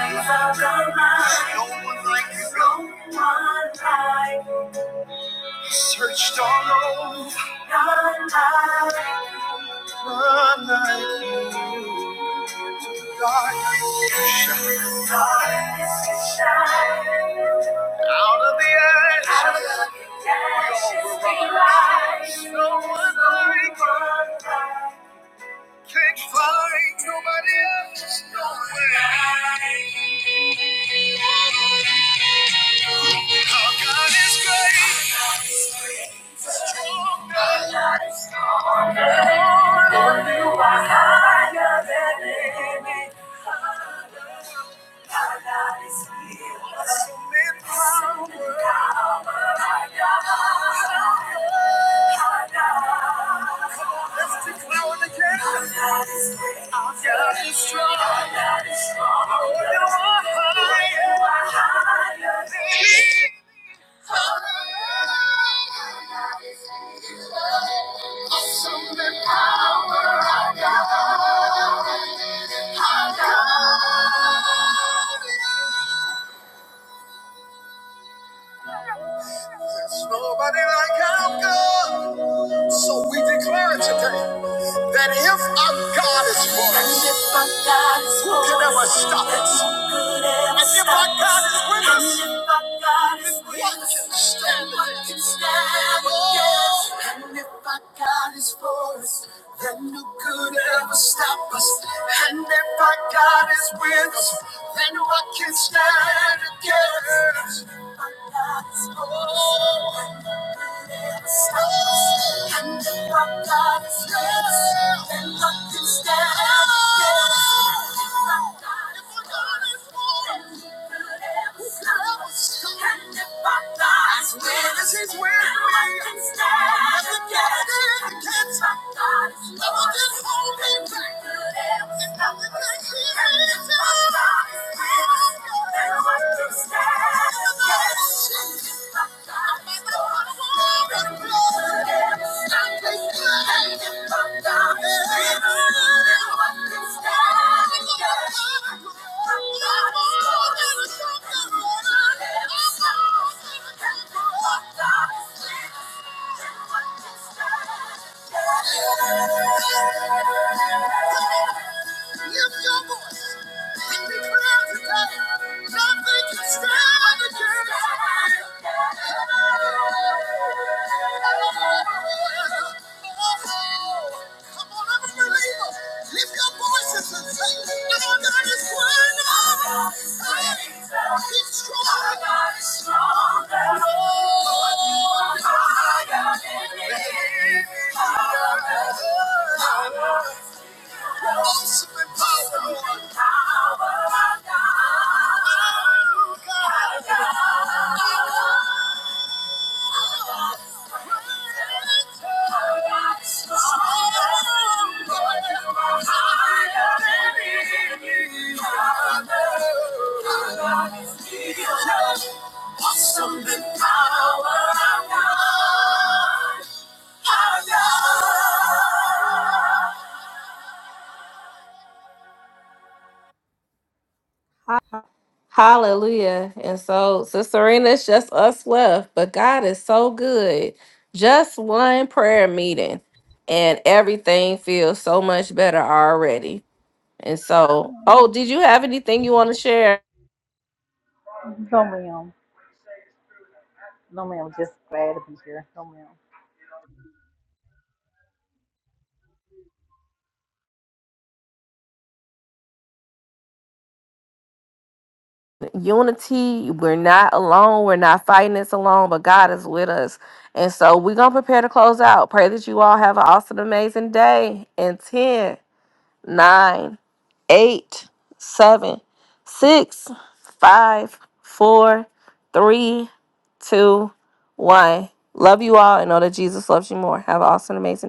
S1: Without our mind, no one like. Searched all over. None like. None like. Our God is healer. Lord, you are higher than any other. Our God is here. Awesome in power. Awesome in power. Our God. Our God. Come let's declare it again. Our God is great. Our God is strong. Our God is strong. Lord, you are higher. You are higher than Awesome I got, I Here I come, God. And if my God is Who for us, stop us? Who could ever stop God us? and if our God is with us, then what can stand against us? And if our God is for us, then who could ever stop us? And if our God is with us, then what can stand against us? And if our God is for us, then who could ever and if our God is with us, then what can stand against? If our God is with us, then who could ever stop us? And if our God is with us, then what can stand against? If our God is with us, then who could ever Thank you. Lift your voice and be proud today. Nothing can stand against. Come on, every believer, your voices and say, Our God is greater. He's stronger. Lord, awesome in power, Lord. Our God. Oh, God. Awesome in power, our God, our God. Hallelujah. And so, Sister Serena, it's just us left, but God is so good. Just one prayer meeting, and everything feels so much better already. And so, oh, did you have anything you want to share?
S8: No, ma'am. No, ma'am. Just glad to be here. No, ma'am.
S1: Unity, we're not alone. We're not fighting this alone, but God is with us. And so, we're going to prepare to close out. Pray that you all have an awesome, amazing day. And 10, nine, eight, seven, six, five, four, three, two, one. Love you all and know that Jesus loves you more. Have an awesome, amazing day.